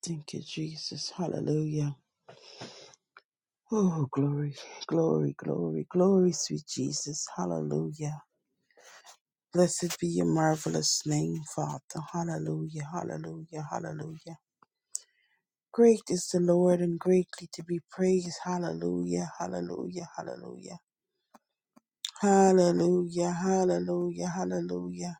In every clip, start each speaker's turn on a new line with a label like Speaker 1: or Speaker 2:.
Speaker 1: Thank you, Jesus. Hallelujah. Oh, glory, glory, glory, glory, sweet Jesus. Hallelujah. Blessed be your marvelous name, Father. Hallelujah, hallelujah, hallelujah. Great is the Lord and greatly to be praised. Hallelujah, hallelujah, hallelujah. Hallelujah, hallelujah, hallelujah,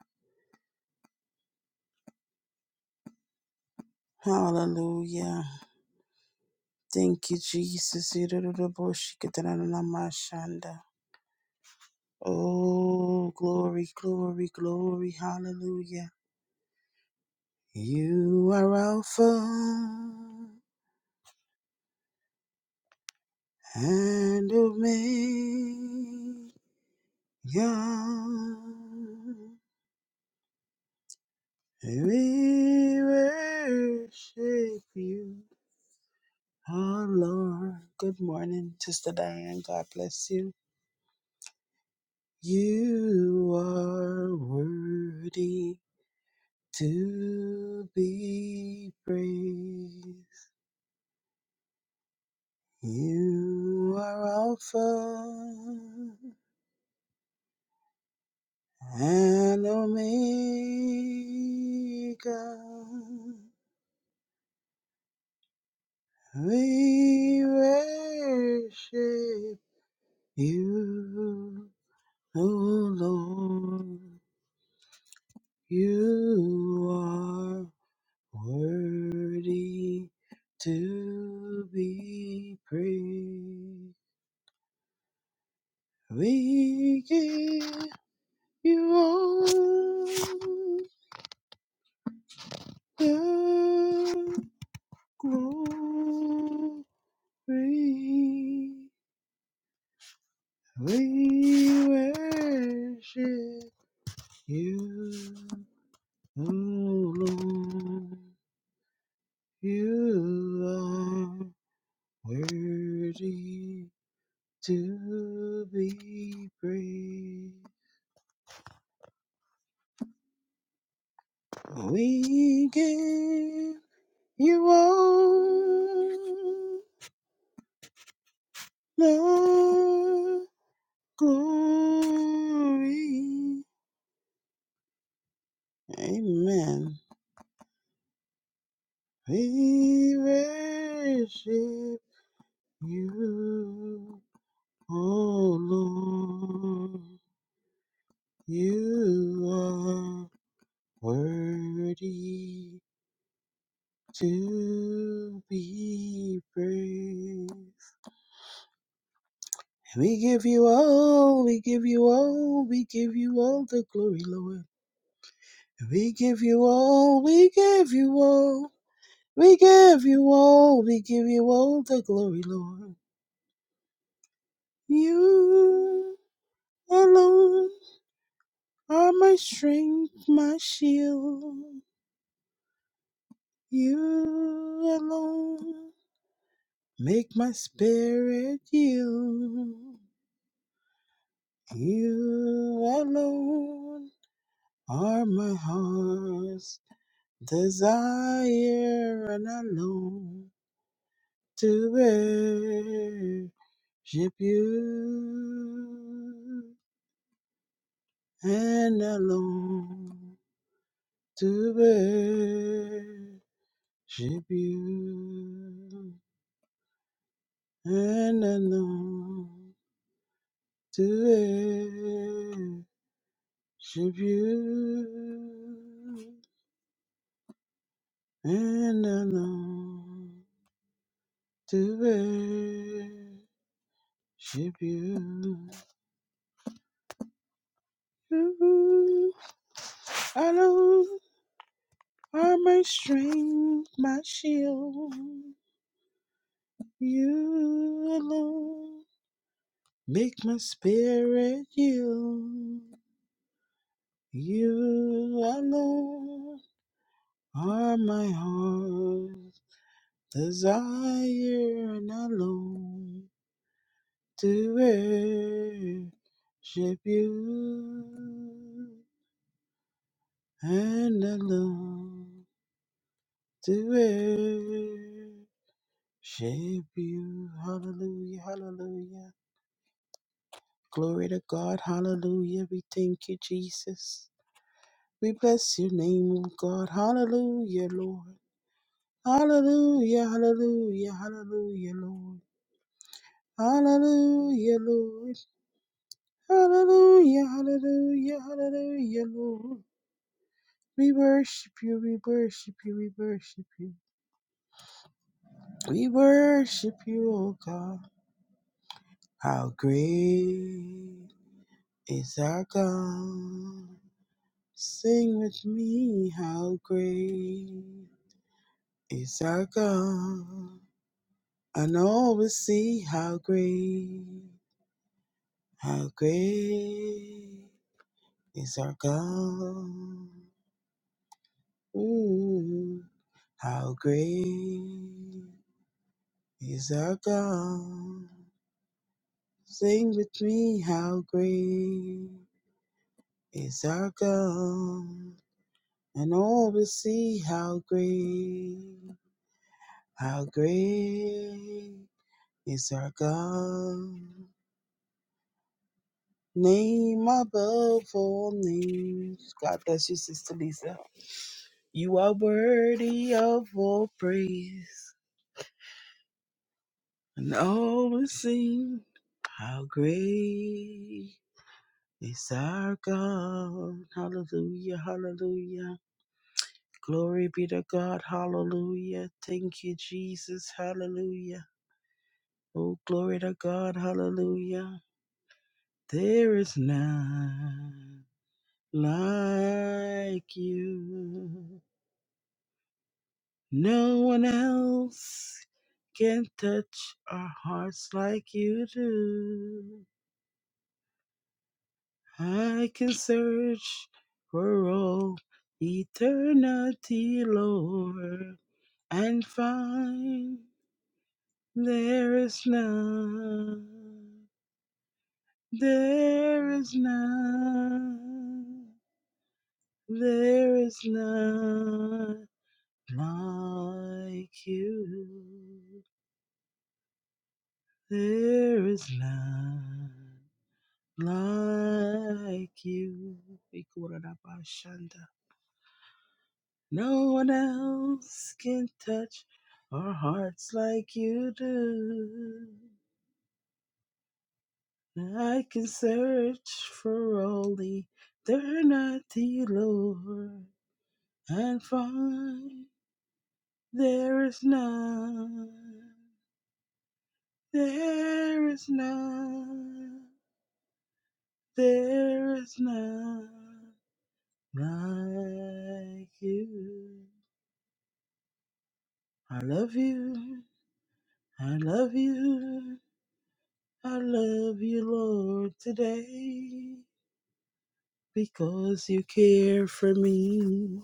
Speaker 1: hallelujah. Thank you, Jesus. Oh, glory, glory, glory. Hallelujah. You are Alpha and Omega. We worship you, our Lord. Good morning, Sister Diane. God bless you. You are worthy to be praised. You are Alpha and Omega. We worship you, O Lord. You are worthy to be praised. We give you all. Your glory, we worship you, O Lord. You are worthy to be praised. We give you all the glory. Amen. We worship you, oh Lord. You are worthy to be praised. We give you all, we give you all, we give you all the glory, Lord. We give you all, we give you all, we give you all, we give you all the glory, Lord. You. alone are my strength, my shield. You alone make my spirit yield. You alone are my heart's desire, and alone to worship you, and alone to J'ai bu un an tué. J'ai bu un an tué. J'ai bu. You alone are my strength, my shield. You alone make my spirit yield. You alone. Are my heart's desire and alone to worship you and alone to worship you. Hallelujah, hallelujah. Glory to God, hallelujah. We thank you, Jesus. We bless your name, O God. Hallelujah, Lord. Hallelujah, hallelujah, hallelujah, Lord. Hallelujah, Lord. Hallelujah, hallelujah, hallelujah, Lord. We worship you, we worship you, we worship you. We worship you, O God. How great is our God. Sing with me, how great is our God. And all will see how great, how great is our God. Ooh. How great is our God? Sing with me, how great is our God? And all will see how great, how great is our God. Name above all names. God bless you, Sister Lisa. You are worthy of all praise, and all will sing how great. It's our God. Hallelujah. Hallelujah. Glory be to God. Hallelujah. Thank you, Jesus. Hallelujah. Oh, glory to God. Hallelujah. There is none like you. No one else can touch our hearts like you do. I can search for all eternity, Lord and find there is none, there is none, there is none like you, there is none like you. Ikurabashanda. No one else can touch our hearts like you do. I can search for all eternity, Lord, and find there is none, there is none, there is none like you. I love you, I love you, I love you, Lord, today because you care for me.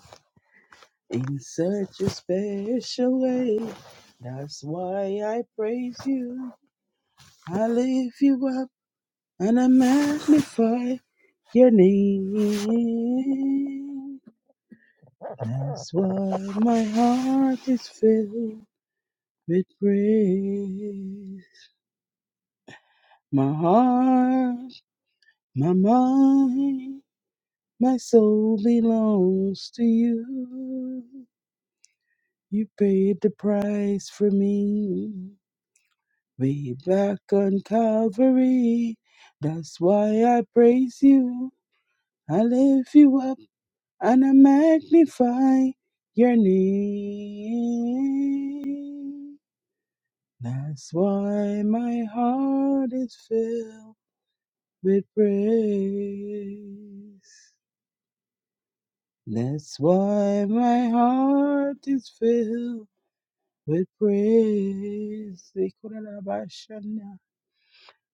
Speaker 1: in such a special way. That's why I praise you. I lift you up and I magnify your name. That's why my heart is filled with praise. My heart, my mind, my soul belongs to you. You paid the price for me. Way back on Calvary. That's why I praise you. I lift you up and I magnify your name. That's why my heart is filled with praise. That's why my heart is filled with praise.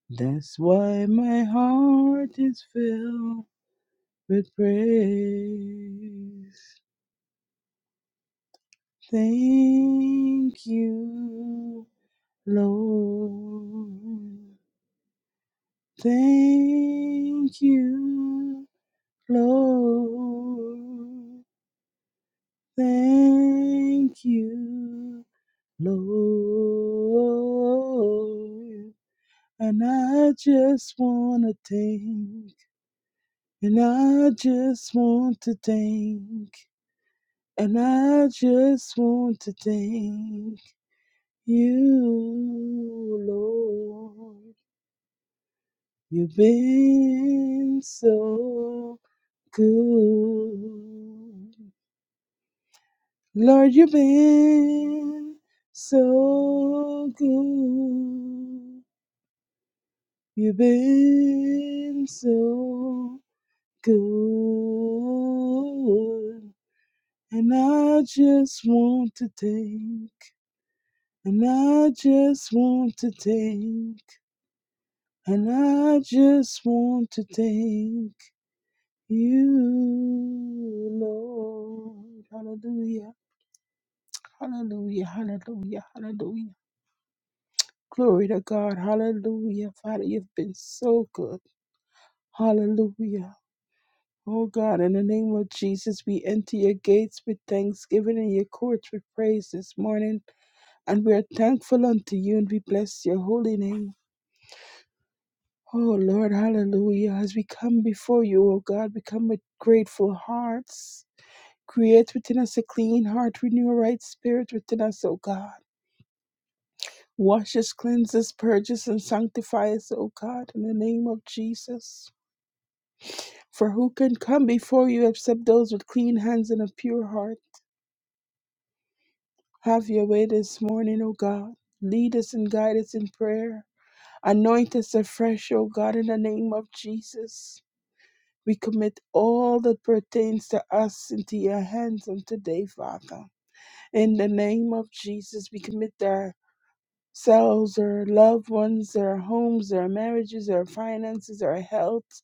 Speaker 1: That's why my heart is filled with praise. Thank you, Lord. Thank you, Lord. Thank you, Lord. And I just want to thank, and I just want to thank. And I just want to thank you, Lord. You've been so good. Lord, you've been so good. You've been so good. And I just want to thank And I just want to thank, and I just want to thank you, Lord. Hallelujah, hallelujah, hallelujah, hallelujah. Glory to God, hallelujah. Father, you've been so good. Hallelujah. Oh God, in the name of Jesus, we enter your gates with thanksgiving and your courts with praise this morning. And we are thankful unto you and we bless your holy name. Oh Lord, hallelujah. As we come before you, O God, we come with grateful hearts. Create within us a clean heart, renew a right spirit within us, O God. Wash us, cleanse us, purge us, and sanctify us, O God, in the name of Jesus. For who can come before you except those with clean hands and a pure heart? Have your way this morning, O God. Lead us and guide us in prayer. Anoint us afresh, O God, in the name of Jesus. We commit all that pertains to us into your hands on today, Father. In the name of Jesus, we commit ourselves, our loved ones, our homes, our marriages, our finances, our health.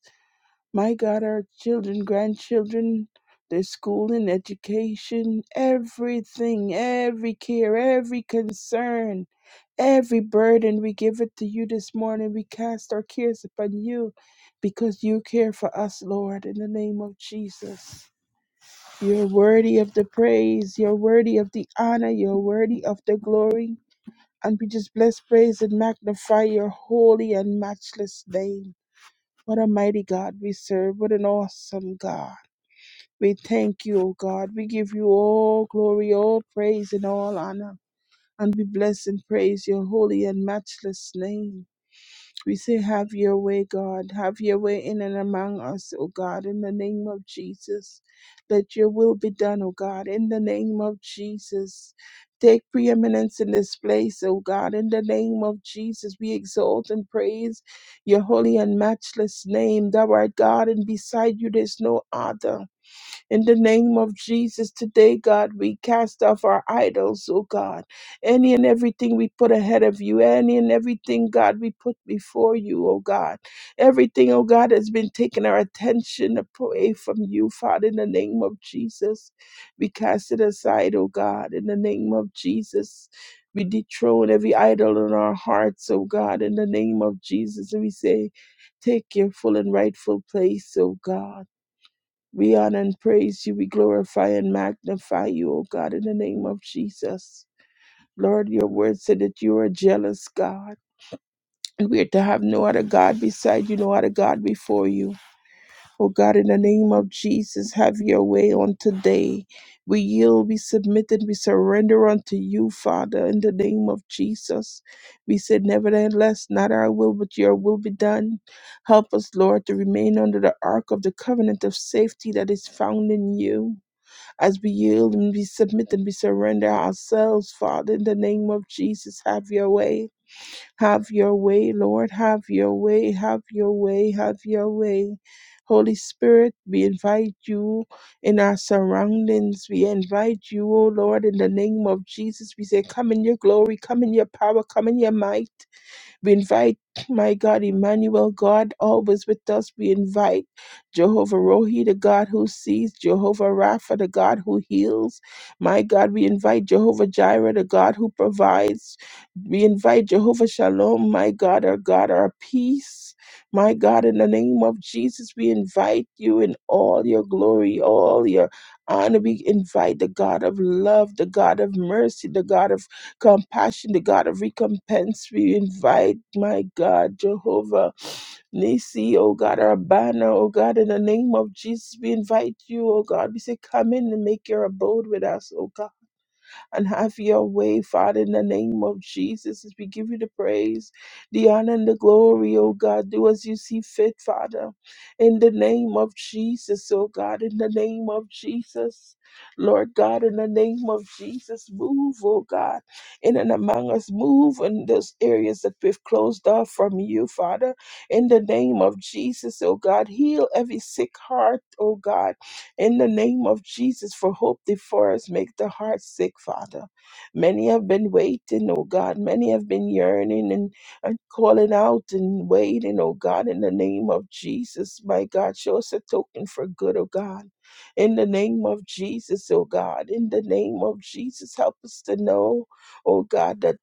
Speaker 1: My God, our children, grandchildren, their school and education, everything, every care, every concern Every burden we give it to you this morning. We cast our cares upon you because you care for us, Lord, in the name of Jesus. You're worthy of the praise. You're worthy of the honor. You're worthy of the glory. And we just bless, praise, and magnify your holy and matchless name. What a mighty God we serve. What an awesome God. We thank you, O God. We give you all glory, all praise, and all honor. And we bless and praise your holy and matchless name. We say, Have your way, God. Have your way in and among us, O God, in the name of Jesus. Let your will be done, O God, in the name of Jesus. Take preeminence in this place, O God, in the name of Jesus. We exalt and praise your holy and matchless name. Thou art God, and beside you there's no other. In the name of Jesus, today, God, we cast off our idols, oh God. Any and everything we put ahead of you, any and everything, God, we put before you, oh God. Everything, oh God, has been taking our attention away from you, Father, in the name of Jesus. We cast it aside, oh God, in the name of Jesus. We dethrone every idol in our hearts, oh God, in the name of Jesus. And we say, take your full and rightful place, oh God. We honor and praise you. We glorify and magnify you, O God, in the name of Jesus. Lord, your word said that you are a jealous God, and we are to have no other God beside you, no other God before you. O God, in the name of Jesus, have your way on today. We yield, we submit, and we surrender unto you, Father, in the name of Jesus. We said, Nevertheless, not our will, but your will be done. Help us, Lord, to remain under the ark of the covenant of safety that is found in you. As we yield and we submit and we surrender ourselves, Father, in the name of Jesus, have your way. Have your way, Lord. Have your way. Have your way. Have your way. Holy Spirit, we invite you in our surroundings. We invite you, O Lord, in the name of Jesus. We say, Come in your glory, come in your power, come in your might. We invite, my God, Emmanuel, God, always with us. We invite Jehovah Rohi, the God who sees, Jehovah Rapha, the God who heals. My God, we invite Jehovah Jireh, the God who provides. We invite Jehovah Shalom, my God, our God, our peace. My God, in the name of Jesus, we invite you in all your glory, all your honor. We invite the God of love, the God of mercy, the God of compassion, the God of recompense. We invite, my God, Jehovah Nisi, oh God, our banner, oh God, in the name of Jesus, we invite you, oh God. We say, come in and make your abode with us, oh God and have your way, Father, in the name of Jesus. As we give you the praise, the honor, and the glory, oh God, do as you see fit, Father, in the name of Jesus, oh God, in the name of Jesus. Lord God, in the name of Jesus, move, oh God, in and among us, move in those areas that we've closed off from you, Father, in the name of Jesus, oh God, heal every sick heart, oh God in the name of Jesus, for hope before us. Make the heart sick, Father. Many have been waiting, oh God. Many have been yearning and, and calling out and waiting, oh God, in the name of Jesus, my God. Show us a token for good, oh God. In the name of Jesus, oh God. In the name of Jesus, help us to know, oh God, that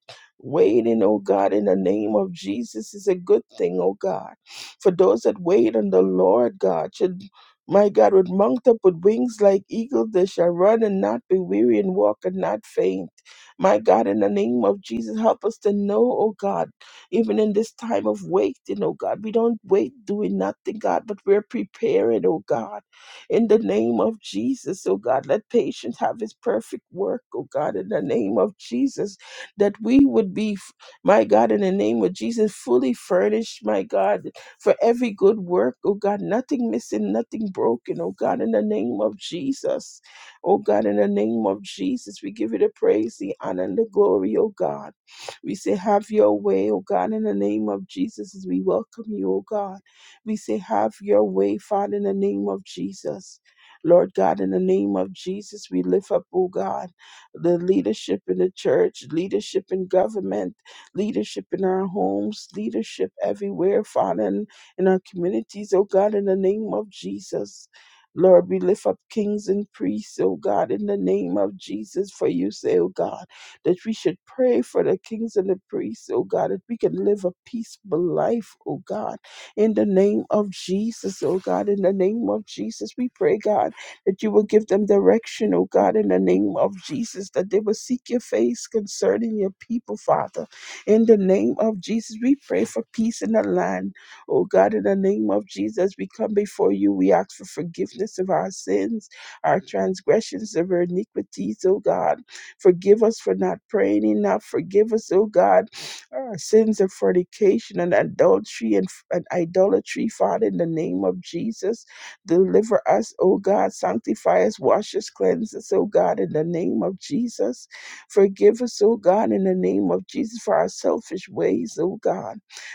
Speaker 1: waiting, oh God, in the name of Jesus is a good thing, oh God for those that wait on the Lord God. should. My God, with mount up with wings like eagles, they shall run and not be weary and walk and not faint. My God, in the name of Jesus, help us to know, oh God, even in this time of waiting, oh God, we don't wait doing nothing, God, but we're preparing, oh God. In the name of Jesus, oh God, let patience have his perfect work, oh God, in the name of Jesus, that we would be, my God, in the name of Jesus, fully furnished, my God, for every good work, oh God, nothing missing, nothing broken, oh God, in the name of Jesus. Oh God, in the name of Jesus, we give you the praise, the honor, and the glory, oh God. We say, Have your way, oh God, in the name of Jesus, as we welcome you, oh God. We say, Have your way, Father, in the name of Jesus. Lord God, in the name of Jesus, we lift up, oh God, the leadership in the church, leadership in government, leadership in our homes, leadership everywhere, Father in our communities, oh God, in the name of Jesus. Lord, we lift up kings and priests, oh God, in the name of Jesus, for you say, oh God, that we should pray for the kings and the priests, oh God, that we can live a peaceful life, oh God, in the name of Jesus, oh God, in the name of Jesus, we pray, God, that you will give them direction, oh God, in the name of Jesus, that they will seek your face concerning your people, Father, in the name of Jesus, we pray for peace in the land Oh God, in the name of Jesus, we come before you. We ask for forgiveness of our sins, our transgressions, of our iniquities, oh God. Forgive us for not praying enough. Forgive us, oh God, our sins of fornication and adultery and, and idolatry, Father, in the name of Jesus. Deliver us, oh God. Sanctify us, wash us, cleanse us, oh God, in the name of Jesus. Forgive us, oh God, in the name of Jesus, for our selfish ways, oh God.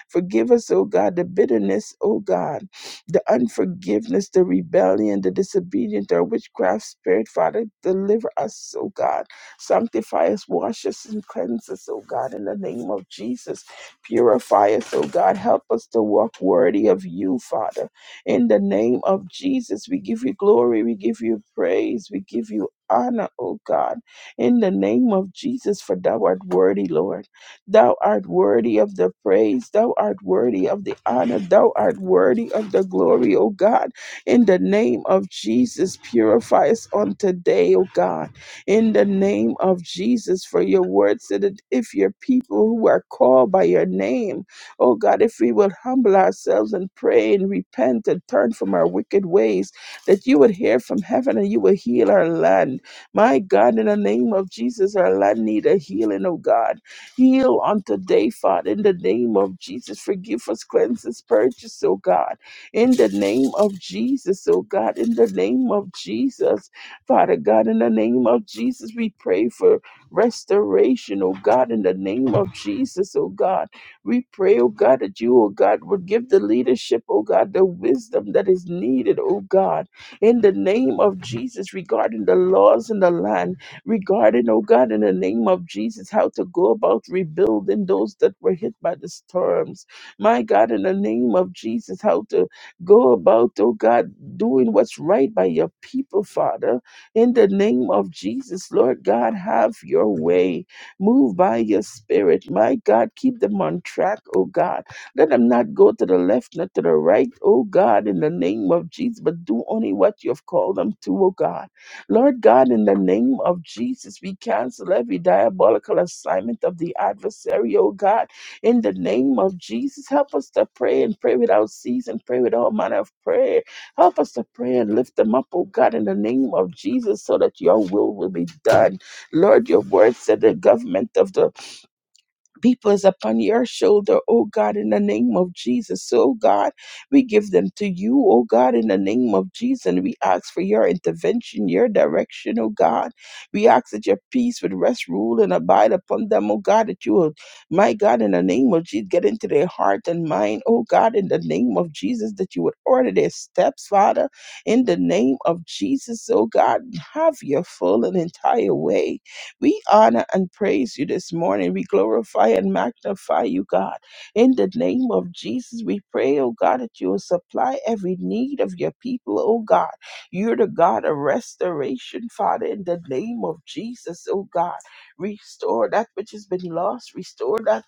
Speaker 1: Forgive us, oh God, the bitterness, oh God, the unforgiveness, the rebellion, the disobedience, our witchcraft spirit, Father. Deliver us, oh God. Sanctify us, wash us, and cleanse us, oh God, in the name of Jesus. Purify us, oh God. Help us to walk worthy of you, Father. In the name of Jesus, we give you glory, we give you praise, we give you honor, oh God. In the name of Jesus, for thou art worthy, Lord. Thou art worthy of the praise. Thou art worthy of the honor. Thou art worthy of the glory, O God. In the name of Jesus, purify us on today, O God. In the name of Jesus, for your word said that if your people who are called by your name, O God, if we will humble ourselves and pray and repent and turn from our wicked ways, that you would hear from heaven and you will heal our land. My God, in the name of Jesus, our land need a healing, O God. Heal on today, Father, in the name of Jesus. Forgive us, cleanse us, purge us, oh God. In the name of Jesus, oh God. In the name of Jesus, Father God. In the name of Jesus, we pray for restoration, oh God. In the name of Jesus, oh God. We pray, oh God, that you, oh God, would give the leadership, oh God, the wisdom that is needed, oh God. In the name of Jesus, regarding the laws in the land regarding, oh God, in the name of Jesus, how to go about rebuilding those that were hit by the storms. My God, in the name of Jesus, how to go about, oh God, doing what's right by your people, Father. In the name of Jesus, Lord God, have your way. Move by your spirit. My God, keep them on track, oh God. Let them not go to the left, not to the right, oh God, in the name of Jesus, but do only what you have called them to, oh God. Lord God, in the name of Jesus, we cancel every diabolical assignment of the adversary, oh God. In the name of Jesus, help us to pray and pray without ceasing, pray with all manner of prayer. Help us to pray and lift them up, oh God, in the name of Jesus, so that your will will be done. Lord, your word said the government of the people is upon your shoulder, oh God, in the name of Jesus. So, oh God, we give them to you, oh God, in the name of Jesus. And we ask for your intervention, your direction, oh God. We ask that your peace would rest, rule, and abide upon them, oh God, that you will, my God, in the name of Jesus, get into their heart and mind, oh God, in the name of Jesus, that you would order their steps, Father, in the name of Jesus, oh God, have your full and entire way we honor and praise you this morning. We glorify and magnify you, God. In the name of Jesus, we pray, oh God, that you will supply every need of your people, oh God. You're the God of restoration, Father, in the name of Jesus, oh God. Restore that which has been lost, restore that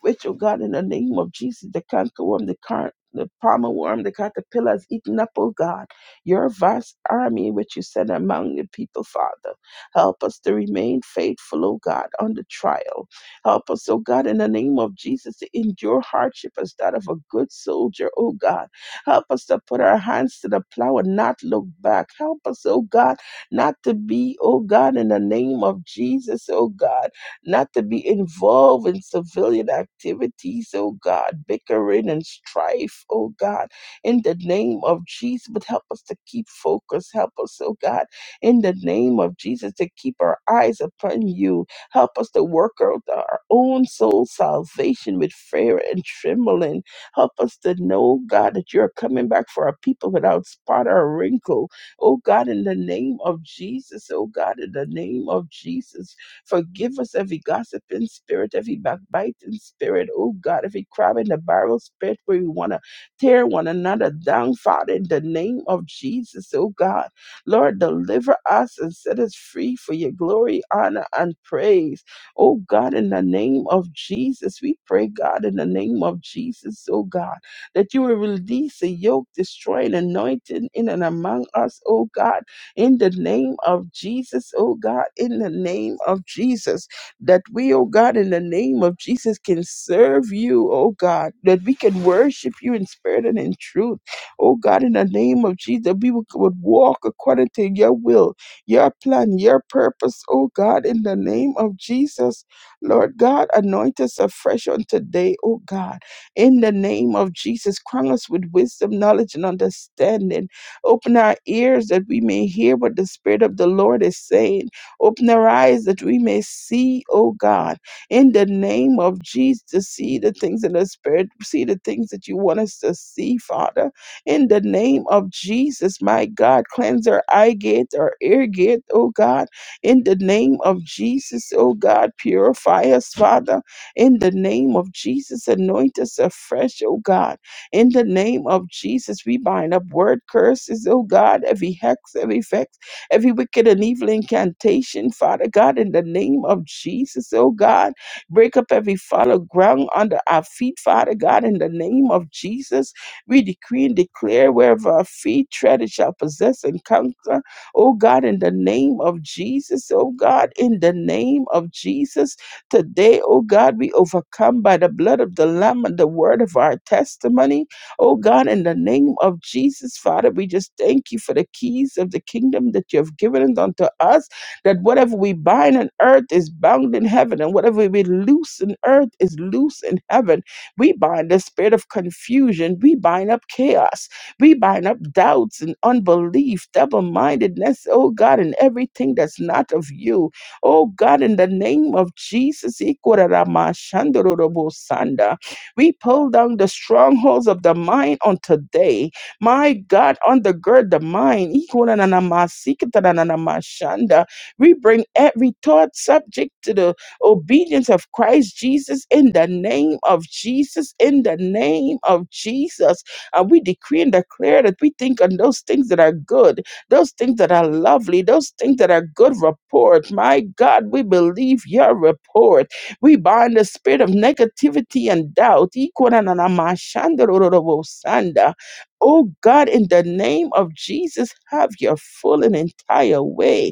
Speaker 1: which, oh God, in the name of Jesus, the cankerworm, the car, the palmer worm, the caterpillar has eaten up, oh God, your vast army which you sent among the people, Father. Help us to remain faithful, oh God, on the trial. Help us, oh God, in the name of Jesus, to endure hardship as that of a good soldier, oh God. Help us to put our hands to the plow and not look back. Help us, oh God, not to be, oh God, in the name of Jesus, oh God not to be involved in civilian activities, oh God, bickering and strife, oh God, in the name of Jesus. But help us to keep focus. Help us, oh God, in the name of Jesus, to keep our eyes upon you. Help us to work out our own soul salvation with fear and trembling. Help us to know, God, that you're coming back for our people without spot or wrinkle. Oh God, in the name of Jesus, oh God, in the name of Jesus. Forgive us every gossiping spirit, every backbiting spirit. Oh God, every crab in the barrel spirit where we want to tear one another down, Father, in the name of Jesus. Oh God, Lord, deliver us and set us free for your glory, honor, and praise. Oh God, in the name of Jesus, we pray, God, in the name of Jesus, oh God, that you will release a yoke destroying anointing in and among us, oh God in the name of Jesus, oh God, in the name of Jesus, that we, oh God, in the name of Jesus, can serve you, oh God, that we can worship you in spirit and in truth, oh God, in the name of Jesus, that we would, would walk according to your will, your plan, your purpose, oh God, in the name of Jesus, Lord God, anoint us afresh on today, oh God, in the name of Jesus, crown us with wisdom, knowledge, and understanding. Open our ears that we may hear what the Spirit of the Lord is saying. Open our eyes that we may see, oh God, in the name of Jesus, to see the things in the Spirit, see the things that you want us to see, Father. In the name of Jesus, my God, cleanse our eye gate, our ear gate, oh God. In the name of Jesus, oh God, purify us, Father. In the name of Jesus, anoint us afresh, oh God in the name of Jesus, we bind up word curses, oh God, every hex, every vex, every wicked and evil incantation, Father God, in the name of Jesus, oh God. Break up every fallow ground under our feet, Father God, in the name of Jesus. We decree and declare wherever our feet tread, it shall possess and conquer. Oh God, in the name of Jesus, oh God, in the name of Jesus. Today, oh God, we overcome by the blood of the Lamb and the word of our testimony. Oh God, in the name of Jesus, Father, we just thank you for the keys of the kingdom that you have given unto us, that whatever we bind on earth is bound in heaven, and whatever we loose in earth is loose in heaven. We bind the spirit of confusion, we bind up chaos, we bind up doubts and unbelief, double mindedness, oh God, and everything that's not of you. Oh God, in the name of Jesus, Ikoraramashandorobosanda, we pull down the strongholds of the mind on today. My God, undergird the mind. Ikorananamasikitananamashanda. We bring every thought subject to the obedience of Christ Jesus in the name of Jesus, in the name of Jesus. And we decree and declare that we think on those things that are good those things that are lovely, those things that are good report. My God, we believe your report. We bind the spirit of negativity and doubt. Ikorananamashandororobosanda. Oh God, in the name of Jesus, have your full and entire way.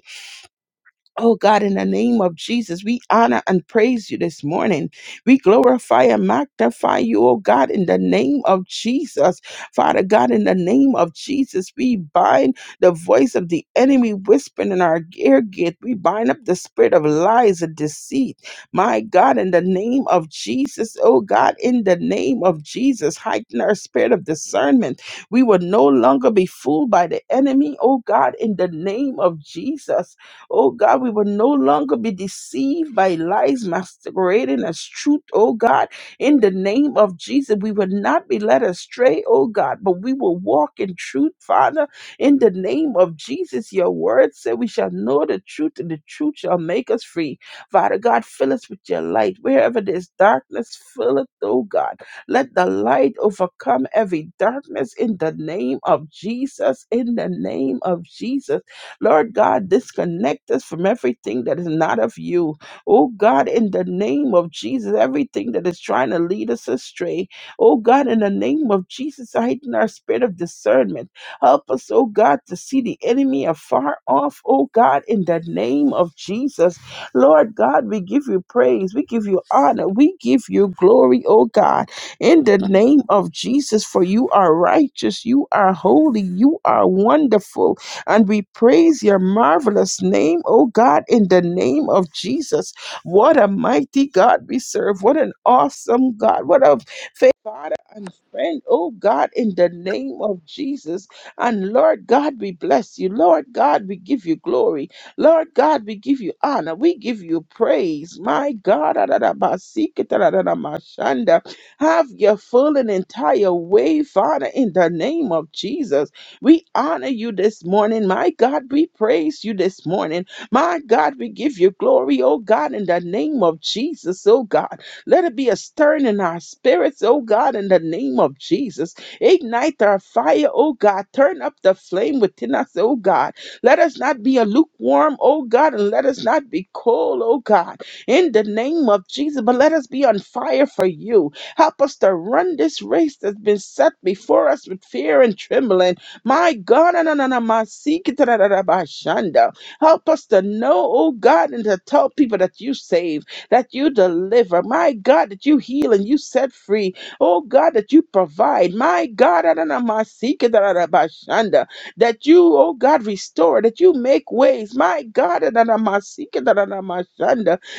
Speaker 1: Oh God, in the name of Jesus, we honor and praise you this morning. We glorify and magnify you, oh God, in the name of Jesus. Father God, in the name of Jesus, we bind the voice of the enemy whispering in our ear gate. We bind up the spirit of lies and deceit. My God, in the name of Jesus, oh God, in the name of Jesus, heighten our spirit of discernment. We will no longer be fooled by the enemy, oh God, in the name of Jesus. Oh God, we will no longer be deceived by lies masquerading as truth, oh God. In the name of Jesus, we will not be led astray, oh God, but we will walk in truth, Father. In the name of Jesus, your word said we shall know the truth, and the truth shall make us free. Father God, fill us with your light. Wherever there's darkness, fill it, oh God. Let the light overcome every darkness in the name of Jesus. In the name of Jesus. Lord God, disconnect us from everything that is not of you. Oh God, in the name of Jesus, everything that is trying to lead us astray. Oh God, in the name of Jesus, heighten our spirit of discernment. Help us, oh God, to see the enemy afar off. Oh God, in the name of Jesus. Lord God, we give you praise. We give you honor. We give you glory, oh God, in the name of Jesus, for you are righteous. You are holy. You are wonderful. And we praise your marvelous name, oh God, in the name of Jesus. What a mighty God we serve. What an awesome God. What a faithful Father and friend, oh God, in the name of Jesus. And Lord God, we bless you. Lord God, we give you glory. Lord God, we give you honor. We give you praise. My God, have your full and entire way, Father, in the name of Jesus. We honor you this morning. My God, we praise you this morning. My God, we give you glory, oh God, in the name of Jesus, oh God. Let it be a stirring in our spirits, oh God, in the name of Jesus. Ignite our fire, oh God. Turn up the flame within us, oh God. Let us not be a lukewarm, oh God, and let us not be cold, oh God, in the name of Jesus, but let us be on fire for you. Help us to run this race that's been set before us with fear and trembling. My God, na- na- na- na- ma- see, help us to know, oh God, and to tell people that you save, that you deliver. My God, that you heal and you set free. Oh God, that you provide. My God, na- na- na- ma- see, that you, oh God, restore, that you make ways. My God, na- na- na- ma- see,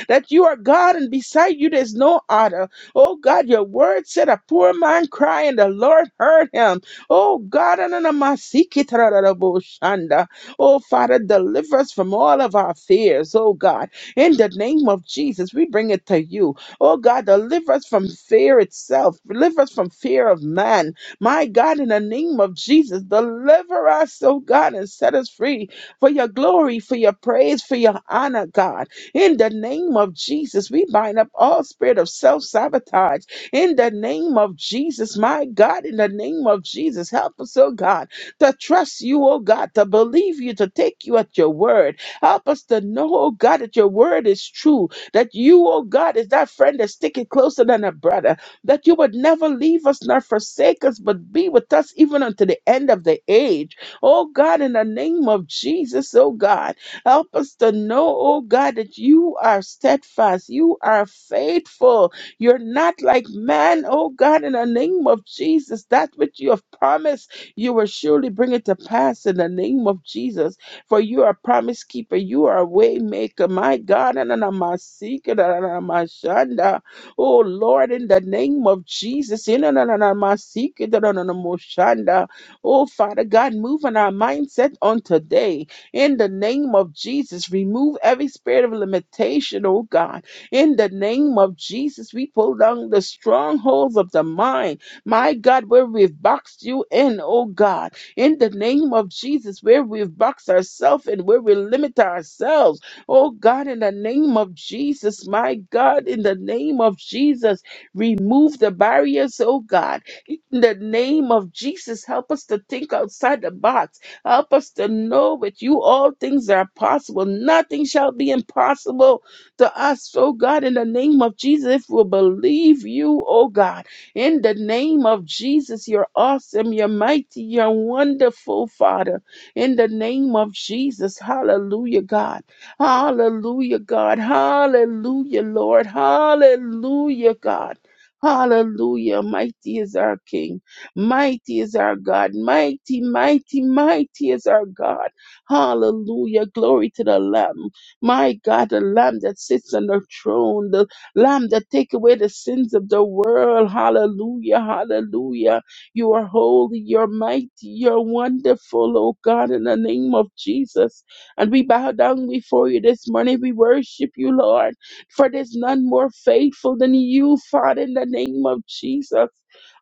Speaker 1: that you are God and beside you there's no other. Oh God, your word said a poor man crying, the Lord heard him Oh God, ananamasikitararaboshanda. oh Father, deliver us from all of our fears. Oh God, in the name of Jesus, we bring it to you. Oh God, deliver us from fear itself. Deliver us from fear of man. My God, in the name of Jesus, deliver us, oh God, and set us free for your glory, for your praise, for your honor, God. In the name of Jesus, we bind up all spirit of self sabotage in the name of Jesus, my God, in the name of Jesus, help us, oh God, to trust you, oh God, to believe you, to take you at your word. Help us to know, oh God, that your word is true, that you, oh God, is that friend that's sticking closer than a brother, that you would never leave us nor forsake us, but be with us even unto the end of the age. Oh God, in the name of Jesus, oh God, help us to know, oh God, that you are steadfast, you are faithful, you're not like man, oh God, in the name of Jesus. That which you have promised, you will surely bring it to pass in the name of Jesus. For you are a promise keeper, you are a way maker, my God. And I'm a seeker, and I'm a shanda. Oh Lord, in the name of Jesus. in and I'm a seeker, and I'm a shanda. Oh Father God, move on our mindset on today. In the name of Jesus, remove every spirit of limitation, oh God. In the name of Jesus, we pull down the strongholds of the mind. My God, where we've boxed you in, oh God. In the name of Jesus, where we've boxed ourselves and where we limit ourselves. Oh God, in the name of Jesus, my God, in the name of Jesus, remove the barriers, oh God. In the name of Jesus, help us to think outside the box. Help us to know with you all things are possible. Nothing shall be impossible to us, oh God, in the name of Jesus. If we believe you, oh God, in the name of Jesus, you're awesome, you're mighty, you're wonderful, Father. In the name of Jesus, hallelujah, God. Hallelujah, God. Hallelujah, Lord. Hallelujah, God. Hallelujah. Mighty is our King. Mighty is our God. Mighty, mighty, mighty is our God. Hallelujah. Glory to the Lamb. My God, the Lamb that sits on the throne, the Lamb that take away the sins of the world. Hallelujah, hallelujah. You are holy, you're mighty, you're wonderful, oh God, in the name of Jesus. And we bow down before you this morning. We worship you, Lord, for there's none more faithful than you, Father, in the name of Jesus.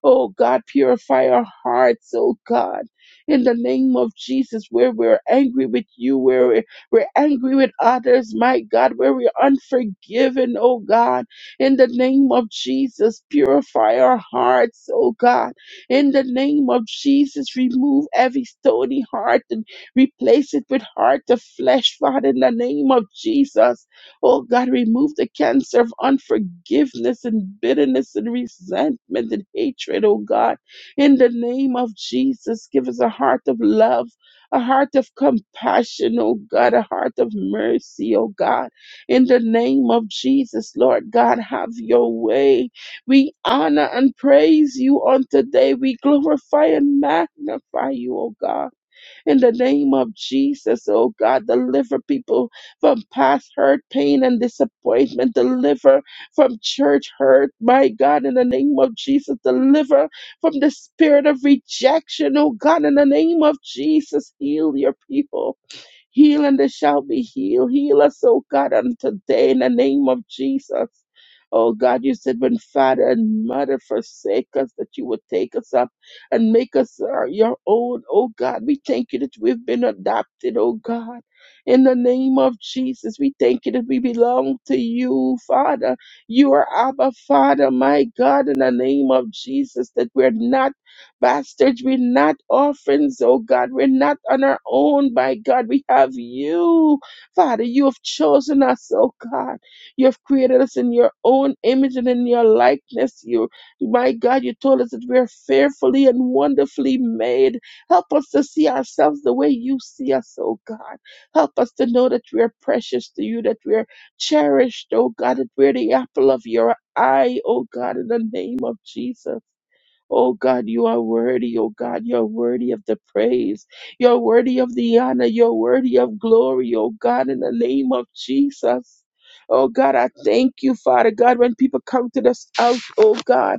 Speaker 1: Oh God, purify our hearts, oh God, in the name of Jesus, where we're angry with you, where we're angry with others, my God, where we're unforgiven, oh God. In the name of Jesus, purify our hearts, oh God. In the name of Jesus, remove every stony heart and replace it with heart of flesh, Father, in the name of Jesus. Oh God, remove the cancer of unforgiveness and bitterness and resentment and hatred, oh God. In the name of Jesus, give us a heart of love a heart of compassion, oh God, a heart of mercy, oh God. In the name of Jesus, Lord God, have your way. We honor and praise you on today. We glorify and magnify you, oh God. In the name of Jesus, oh God, deliver people from past hurt, pain, and disappointment. Deliver from church hurt, my God, in the name of Jesus. Deliver from the spirit of rejection, oh God, in the name of Jesus. Heal your people Heal and they shall be healed. Heal us, oh God, on today in the name of Jesus. Oh God, you said when father and mother forsake us, that you would take us up and make us uh, your own. Oh God, we thank you that we've been adopted, oh God. In the name of Jesus, we thank you that we belong to you, Father. You are Abba, Father, my God, in the name of Jesus, that we're not bastards. We're not orphans, oh God. We're not on our own, by God. We have you, Father. You have chosen us, oh God. You have created us in your own image and in your likeness. You, my God, you told us that we are fearfully and wonderfully made. Help us to see ourselves the way you see us, oh God. Help us to know that we are precious to you, that we are cherished, oh God, that we're the apple of your eye, oh God, in the name of Jesus. Oh God, you are worthy. Oh God, you're worthy of the praise. You're worthy of the honor. You're worthy of glory. Oh God, in the name of Jesus. Oh God, I thank you, Father God, when people come to this out, oh God.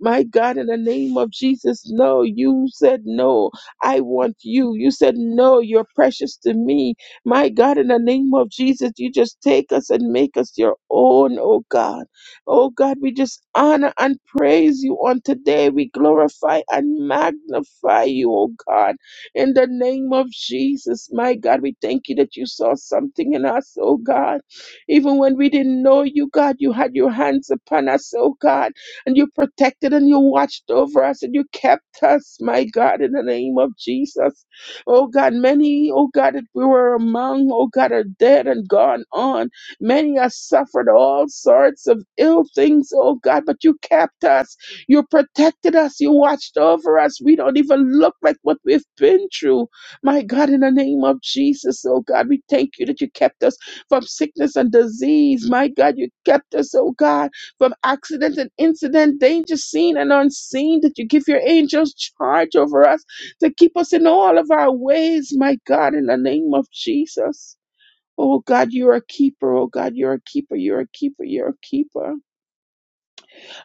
Speaker 1: My God, in the name of Jesus, no, you said no. I want you. You said no, you're precious to me. My God, in the name of Jesus, you just take us and make us your own, oh God. Oh God, we just honor and praise you on today. We glorify and magnify you, oh God, in the name of Jesus. My God, we thank you that you saw something in us, oh God. Even when we didn't know you, God, you had your hands upon us, oh God, and you protected and you watched over us and you kept us, my God, in the name of Jesus. Oh God, many, oh God, that we were among, oh God, are dead and gone on. Many have suffered all sorts of ill things, oh God, but you kept us. You protected us. You watched over us. We don't even look like what we've been through. My God, in the name of Jesus, oh God, we thank you that you kept us from sickness and disease. My God, you kept us, oh God, from accident and incident, danger seen and unseen, that you give your angels charge over us to keep us in all of our ways, my God, in the name of Jesus. Oh God, you're a keeper. Oh God, you're a keeper. You're a keeper. You're a keeper.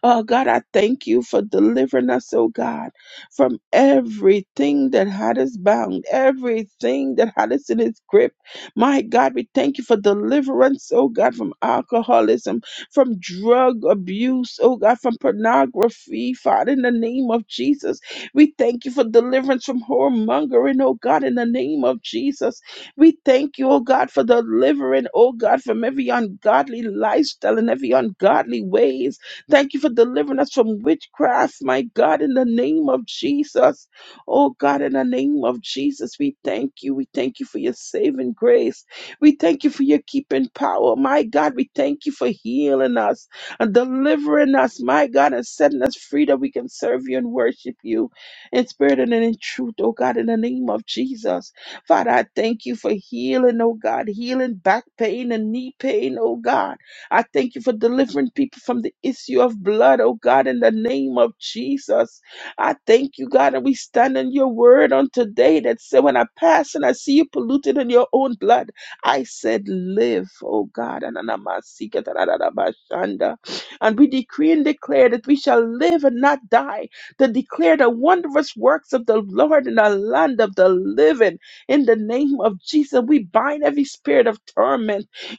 Speaker 1: Oh God, I thank you for delivering us, oh God, from everything that had us bound, everything that had us in its grip. My God, we thank you for deliverance, oh God, from alcoholism, from drug abuse, oh God, from pornography, Father, in the name of Jesus. We thank you for deliverance from whoremongering, oh God, in the name of Jesus. We thank you, oh God, for delivering, oh God, from every ungodly lifestyle and every ungodly ways. Thank you for delivering us from witchcraft, my God, in the name of Jesus. Oh God, in the name of Jesus, we thank you. We thank you for your saving grace. We thank you for your keeping power. My God, we thank you for healing us and delivering us, my God, and setting us free that we can serve you and worship you in spirit and in truth, oh God, in the name of Jesus. Father, I thank you for healing, oh God, healing back pain and knee pain, oh God. I thank you for delivering people from the issue of blood, oh God, in the name of Jesus. I thank you, God, and we stand on your word on today that said, when I pass and I see you polluted in your own blood, I said, live, oh God. Ananamasikatarabashanda. And we decree and declare that we shall live and not die, to declare the wondrous works of the Lord in the land of the living. In the name of Jesus, we bind every spirit of torment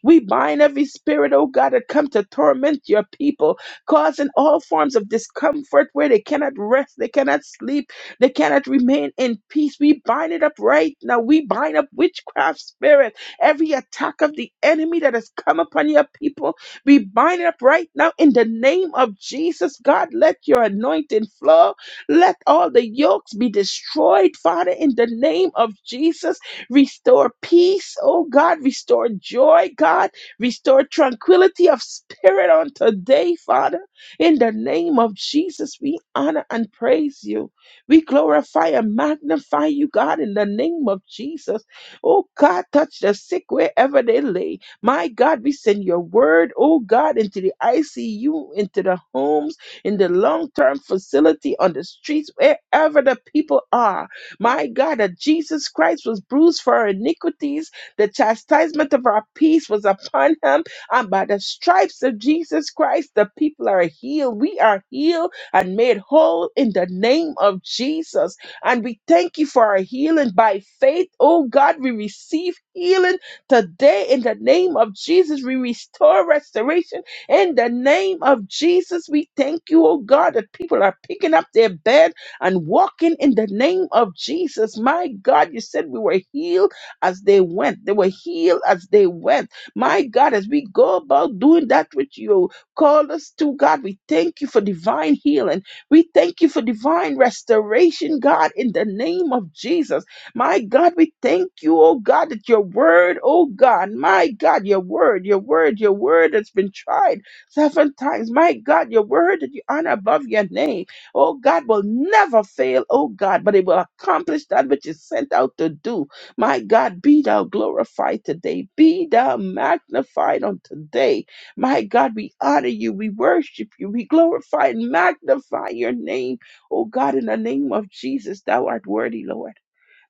Speaker 1: we bind every spirit, oh God, that come to torment your people, causing all forms of discomfort where they cannot rest, they cannot sleep, they cannot remain in peace. We bind it up right now. We bind up witchcraft spirit, every attack of the enemy that has come upon your people. We bind it up right now in the name of Jesus. God, let your anointing flow. Let all the yokes be destroyed, Father, in the name of Jesus. Restore peace, oh God. Restore joy, God. Restore tranquility of spirit on today, Father. In the name of Jesus, we honor and praise you. We glorify and magnify you, God, in the name of Jesus. Oh God, touch the sick wherever they lay. My God, we send your word, oh God, into the ICU, into the homes, in the long term facility, on the streets, wherever the people are. My God, that Jesus Christ was bruised for our iniquities. The chastisement of our peace was upon him. And by the stripes of Jesus Christ, the people are healed. We are healed and made whole in the name of Jesus. And we thank you for our healing by faith. Oh God, we receive healing today in the name of Jesus. We restore restoration in the name of Jesus. We thank you, oh God, that people are picking up their bed and walking in the name of Jesus. My God, you said we were healed as they went. They were healed as they went. My God, as we go about doing that which you called us to, God, we thank you for divine healing. We thank you for divine restoration, God, in the name of Jesus. My God, we thank you, oh God, that your word, oh God, my God, your word, your word, your word that's been tried seven times. My God, your word that you honor above your name oh God, will never fail, oh God, but it will accomplish that which is sent out to do. My God, be thou glorified today, be thou magnified on today. My God, we honor you, we worship you, we glorify and magnify your name, oh God, in the name of Jesus, thou art worthy, Lord.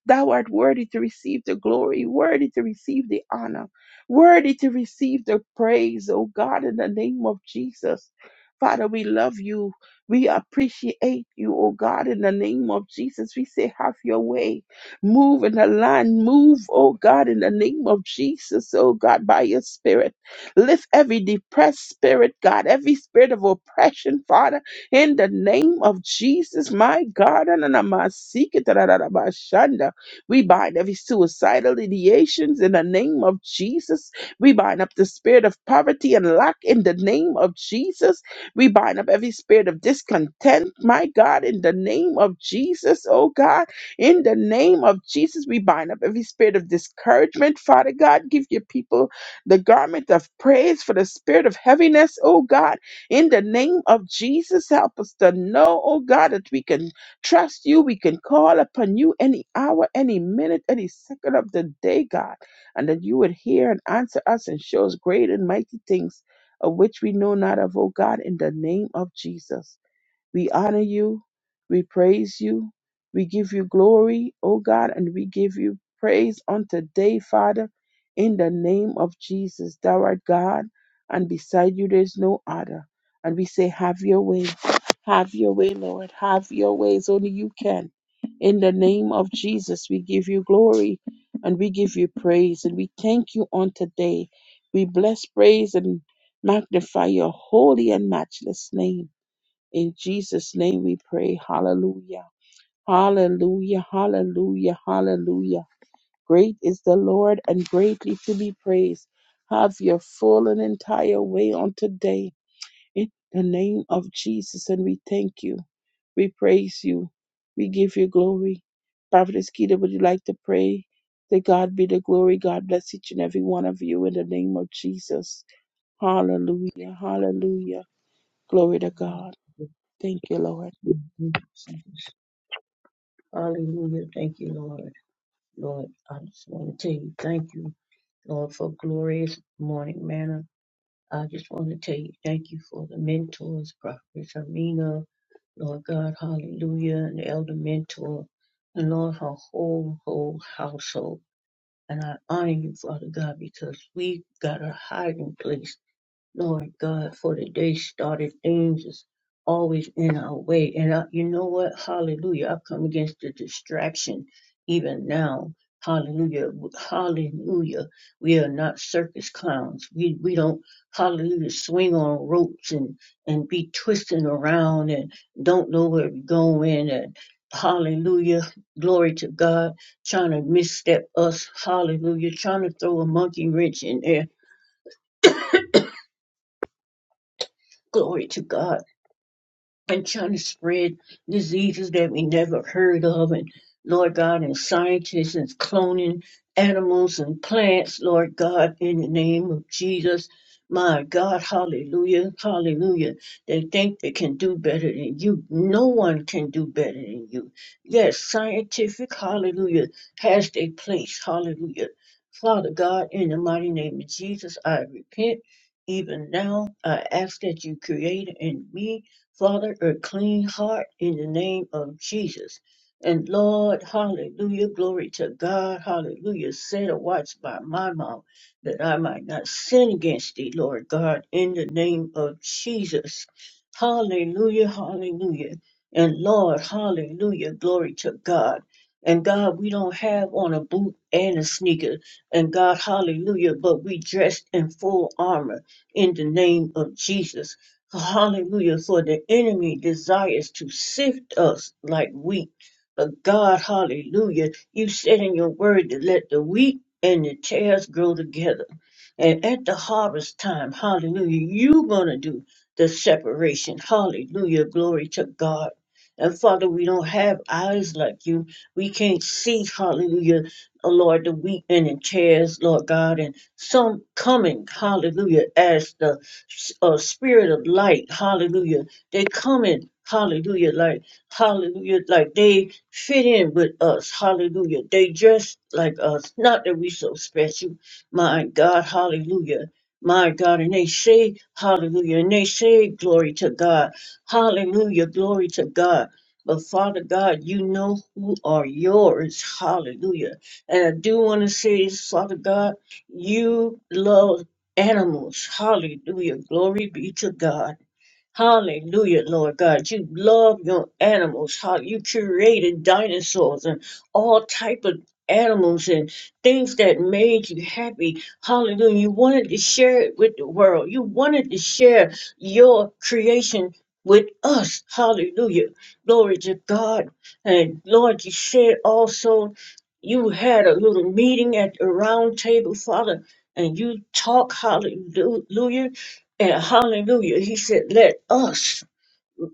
Speaker 1: Thou art worthy to receive the glory, worthy to receive the honor, worthy to receive the praise, oh God, in the name of Jesus. Father, we love you. We appreciate you, oh God, in the name of Jesus. We say, have your way. Move in the land. Move, oh God, in the name of Jesus, oh God, by your spirit. Lift every depressed spirit, God, every spirit of oppression, Father, in the name of Jesus, my God. and I'm a seeker, da, da, da, da, ba, shanda. We bind every suicidal ideations in the name of Jesus. We bind up the spirit of poverty and lack in the name of Jesus. We bind up every spirit of discontent, my God, in the name of Jesus, oh God. In the name of Jesus, we bind up every spirit of discouragement, Father God. Give your people the garment of praise for the spirit of heaviness, oh God. In the name of Jesus, help us to know, oh God, that we can trust you. We can call upon you any hour, any minute, any second of the day, God, and that you would hear and answer us and show us great and mighty things of which we know not of, O God, in the name of Jesus. We honor you. We praise you. We give you glory, O God, and we give you praise on today, Father, in the name of Jesus. Thou art God, and beside you there is no other. And we say, Have your way. Have your way, Lord. Have your ways. Only you can. In the name of Jesus, we give you glory and we give you praise and we thank you on today. We bless, praise, and magnify your holy and matchless name. In Jesus' name we pray. Hallelujah. Hallelujah. Hallelujah. Hallelujah. Great is the Lord and greatly to be praised. Have your full and entire way on today. In the name of Jesus. And we thank you. We praise you. We give you glory. Prophetess Keita, would you like to pray? To God be the glory. God bless each and every one of you in the name of Jesus. Hallelujah. Hallelujah. Glory to God. Thank you, Lord.
Speaker 2: Hallelujah. Thank you, Lord. Lord, I just want to tell you thank you, Lord, for glorious morning manna. I just want to tell you thank you for the mentors, Prophetess Amina, Lord God, hallelujah, and Elder Mentor, and Lord, her whole, whole household. And I honor you, Father God, because we got a hiding place Lord God, for the day started things is always in our way. And I, you know what? Hallelujah. I come against the distraction even now. Hallelujah. Hallelujah. We are not circus clowns. We we don't hallelujah swing on ropes and and be twisting around and don't know where we're going and hallelujah. Glory to God. Trying to misstep us. Hallelujah. Trying to throw a monkey wrench in there. Glory to God and trying to spread diseases that we never heard of. And Lord God, and scientists and cloning animals and plants, Lord God, in the name of Jesus. My God, hallelujah, hallelujah. They think they can do better than you. No one can do better than you. Yes, scientific, hallelujah, has their place, hallelujah. Father God, in the mighty name of Jesus, I repent. Even now, I ask that you create in me Father, a clean heart in the name of Jesus. And Lord, hallelujah, glory to God, hallelujah. Set a watch by my mouth that I might not sin against thee, Lord God, in the name of Jesus. Hallelujah, hallelujah. And Lord, hallelujah, glory to God. And God, we don't have on a boot and a sneaker. And God, hallelujah, but we dressed in full armor in the name of Jesus. Hallelujah. For the enemy desires to sift us like wheat. But God, hallelujah, you said in your word to let the wheat and the tares grow together. And at the harvest time, hallelujah, you're going to do the separation. Hallelujah. Glory to God. And Father, we don't have eyes like you. We can't see, hallelujah, oh Lord, the wheat and the tares, Lord God, and some coming, hallelujah, as the a spirit of light. Hallelujah. They come in. Hallelujah. Like, hallelujah. Like they fit in with us. Hallelujah. They dress like us. Not that we so special. My God. Hallelujah. My God. And they say, hallelujah. And they say, glory to God. Hallelujah. Glory to God. But Father God, you know who are yours. Hallelujah. And I do want to say this, Father God, you love animals. Hallelujah. Glory be to God. Hallelujah, Lord God. You love your animals. How you created dinosaurs and all type of animals and things that made you happy. Hallelujah. You wanted to share it with the world. You wanted to share your creation with us. Hallelujah. Glory to God. And Lord, you said also you had a little meeting at the round table, Father, and you talk hallelujah. And hallelujah, he said, let us,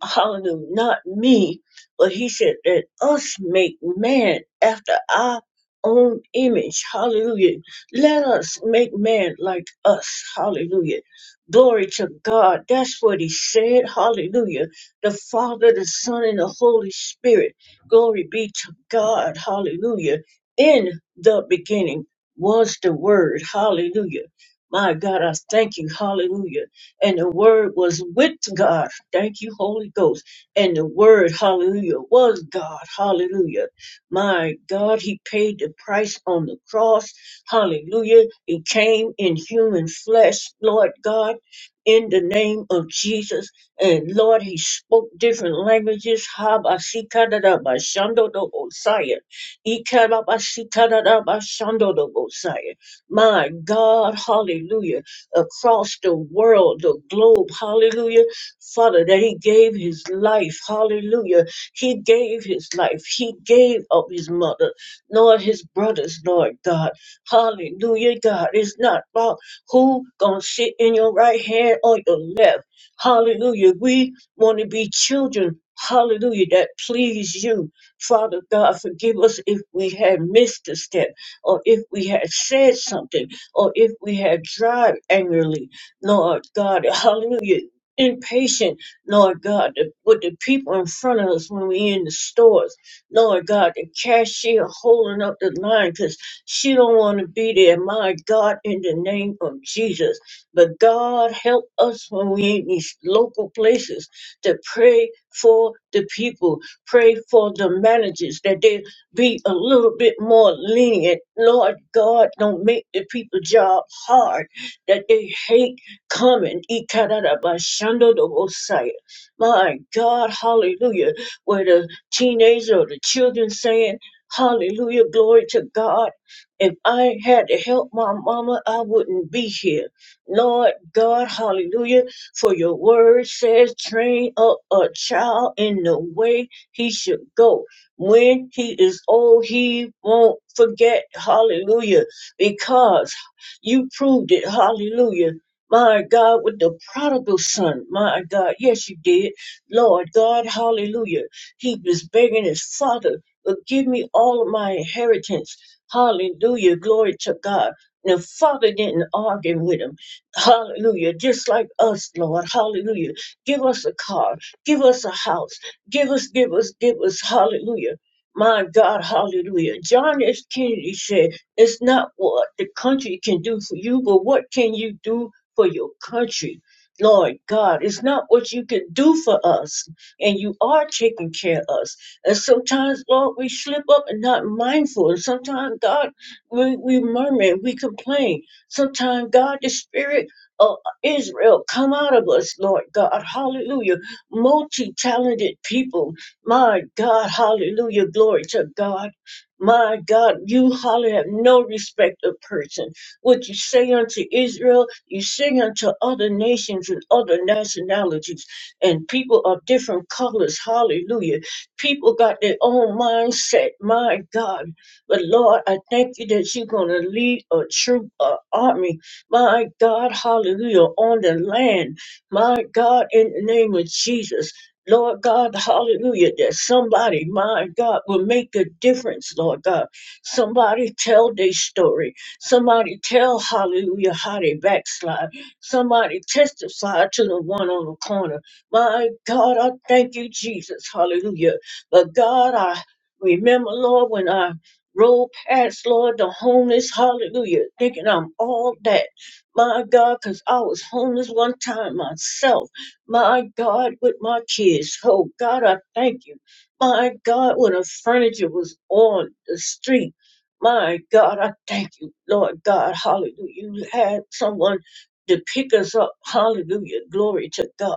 Speaker 2: hallelujah, not me, but he said, let us make man after our own image. Hallelujah. Let us make man like us. Hallelujah. Glory to God. That's what he said. Hallelujah. The Father, the Son, and the Holy Spirit. Glory be to God. Hallelujah. In the beginning was the Word. Hallelujah. My God, I thank you. Hallelujah and the Word was with God. Thank you, Holy Ghost. And the Word, hallelujah, was God. Hallelujah. My God, He paid the price on the cross. Hallelujah. He came in human flesh, Lord God, in the name of Jesus. And Lord, He spoke different languages. Habasikadadabashandodobosaya. Ikarabasikadadabashandodobosaya. My God, hallelujah across the world, the globe. Hallelujah. Father, that he gave his life. Hallelujah. He gave his life. He gave up his mother, nor his brothers, Lord God. Hallelujah, God. It's not about who gonna sit in your right hand or your left. Hallelujah. We want to be children. Hallelujah. That please you. Father God, forgive us if we had missed a step or if we had said something or if we have drive angrily, Lord God, hallelujah, impatient, Lord God, the- with the people in front of us when we in the stores, Lord God, the cashier holding up the line because she don't want to be there. My God, in the name of Jesus, but God help us when we in these local places to pray for the people, pray for the managers that they be a little bit more lenient. Lord God, don't make the people job hard that they hate coming. Ikarabashandodobosai. My God, hallelujah. Where the teenagers or the children saying, Hallelujah, glory to God. If I had to help my mama, I wouldn't be here. Lord God, hallelujah. For your word says, train up a child in the way he should go when he is old, he won't forget. Hallelujah. Because you proved it. Hallelujah. My God, with the prodigal son, my God, yes, you did. Lord God, hallelujah. He was begging his father, but give me all of my inheritance. Hallelujah. Glory to God. And The father didn't argue with him. Hallelujah. Just like us, Lord. Hallelujah. Give us a car. Give us a house. Give us, give us, give us, hallelujah. My God, hallelujah. John F. Kennedy said, It's not what the country can do for you, but what can you do for your country? Lord God, it's not what you can do for us, and you are taking care of us. And sometimes, Lord, we slip up and not mindful. And sometimes, God, we, we murmur and we complain. Sometimes, God, the spirit of Israel, come out of us, Lord God. Hallelujah multi talented people. My God, hallelujah, glory to God. My God, you hallelujah have no respect of person. What you say unto Israel, you say unto other nations and other nationalities, and people of different colors, hallelujah. People got their own mindset, my God. But Lord, I thank you that you're going to lead a troop, an army, my God, hallelujah, on the land my God, in the name of Jesus, Lord God, hallelujah, that somebody, my God, will make a difference, Lord God. Somebody tell their story. Somebody tell, hallelujah, how they backslide. Somebody testify to the one on the corner. My God, I thank you, Jesus, hallelujah. But God, I remember, Lord, when I rode past, Lord, the homeless, hallelujah, thinking I'm all that. My God, because I was homeless one time myself. My God, with my kids. Oh, God, I thank you. My God, when the furniture was on the street. My God, I thank you, Lord God. Hallelujah. You had someone to pick us up. Hallelujah. Glory to God.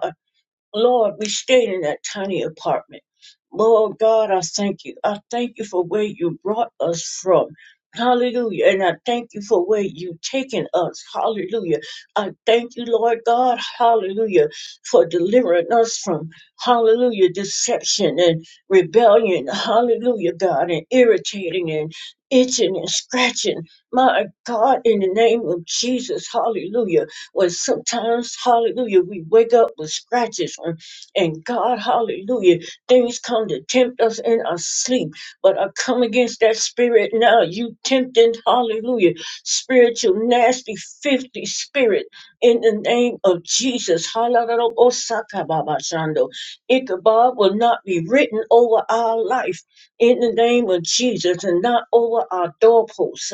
Speaker 2: Lord, we stayed in that tiny apartment. Lord God, I thank you. I thank you for where you brought us from. Hallelujah. And I thank you for where you've taken us. Hallelujah. I thank you, Lord God. Hallelujah. For delivering us from, hallelujah, deception and rebellion. Hallelujah, God. And irritating and itching and scratching. My God, in the name of Jesus. Hallelujah. When sometimes, hallelujah, we wake up with scratches and, and God, hallelujah, things come to tempt us in our sleep. But I come against that spirit now. You tempting, hallelujah, spiritual nasty 50 spirit in the name of Jesus. Hallelujah. Osaka Baba Shando. Ichabod will not be written over our life in the name of Jesus and not over our doorposts.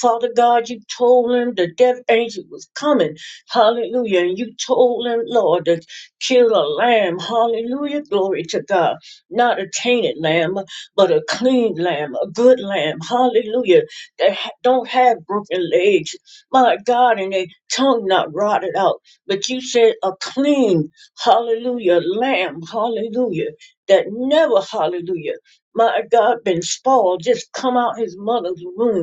Speaker 2: Father God, you told him the death angel was coming. Hallelujah. And you told them, Lord, to kill a lamb. Hallelujah. Glory to God. Not a tainted lamb, but a clean lamb, a good lamb. Hallelujah. That ha- don't have broken legs. My God, and their tongue not rotted out. But you said a clean, hallelujah, lamb. Hallelujah. That never, hallelujah, my God, been spoiled. Just come out his mother's womb.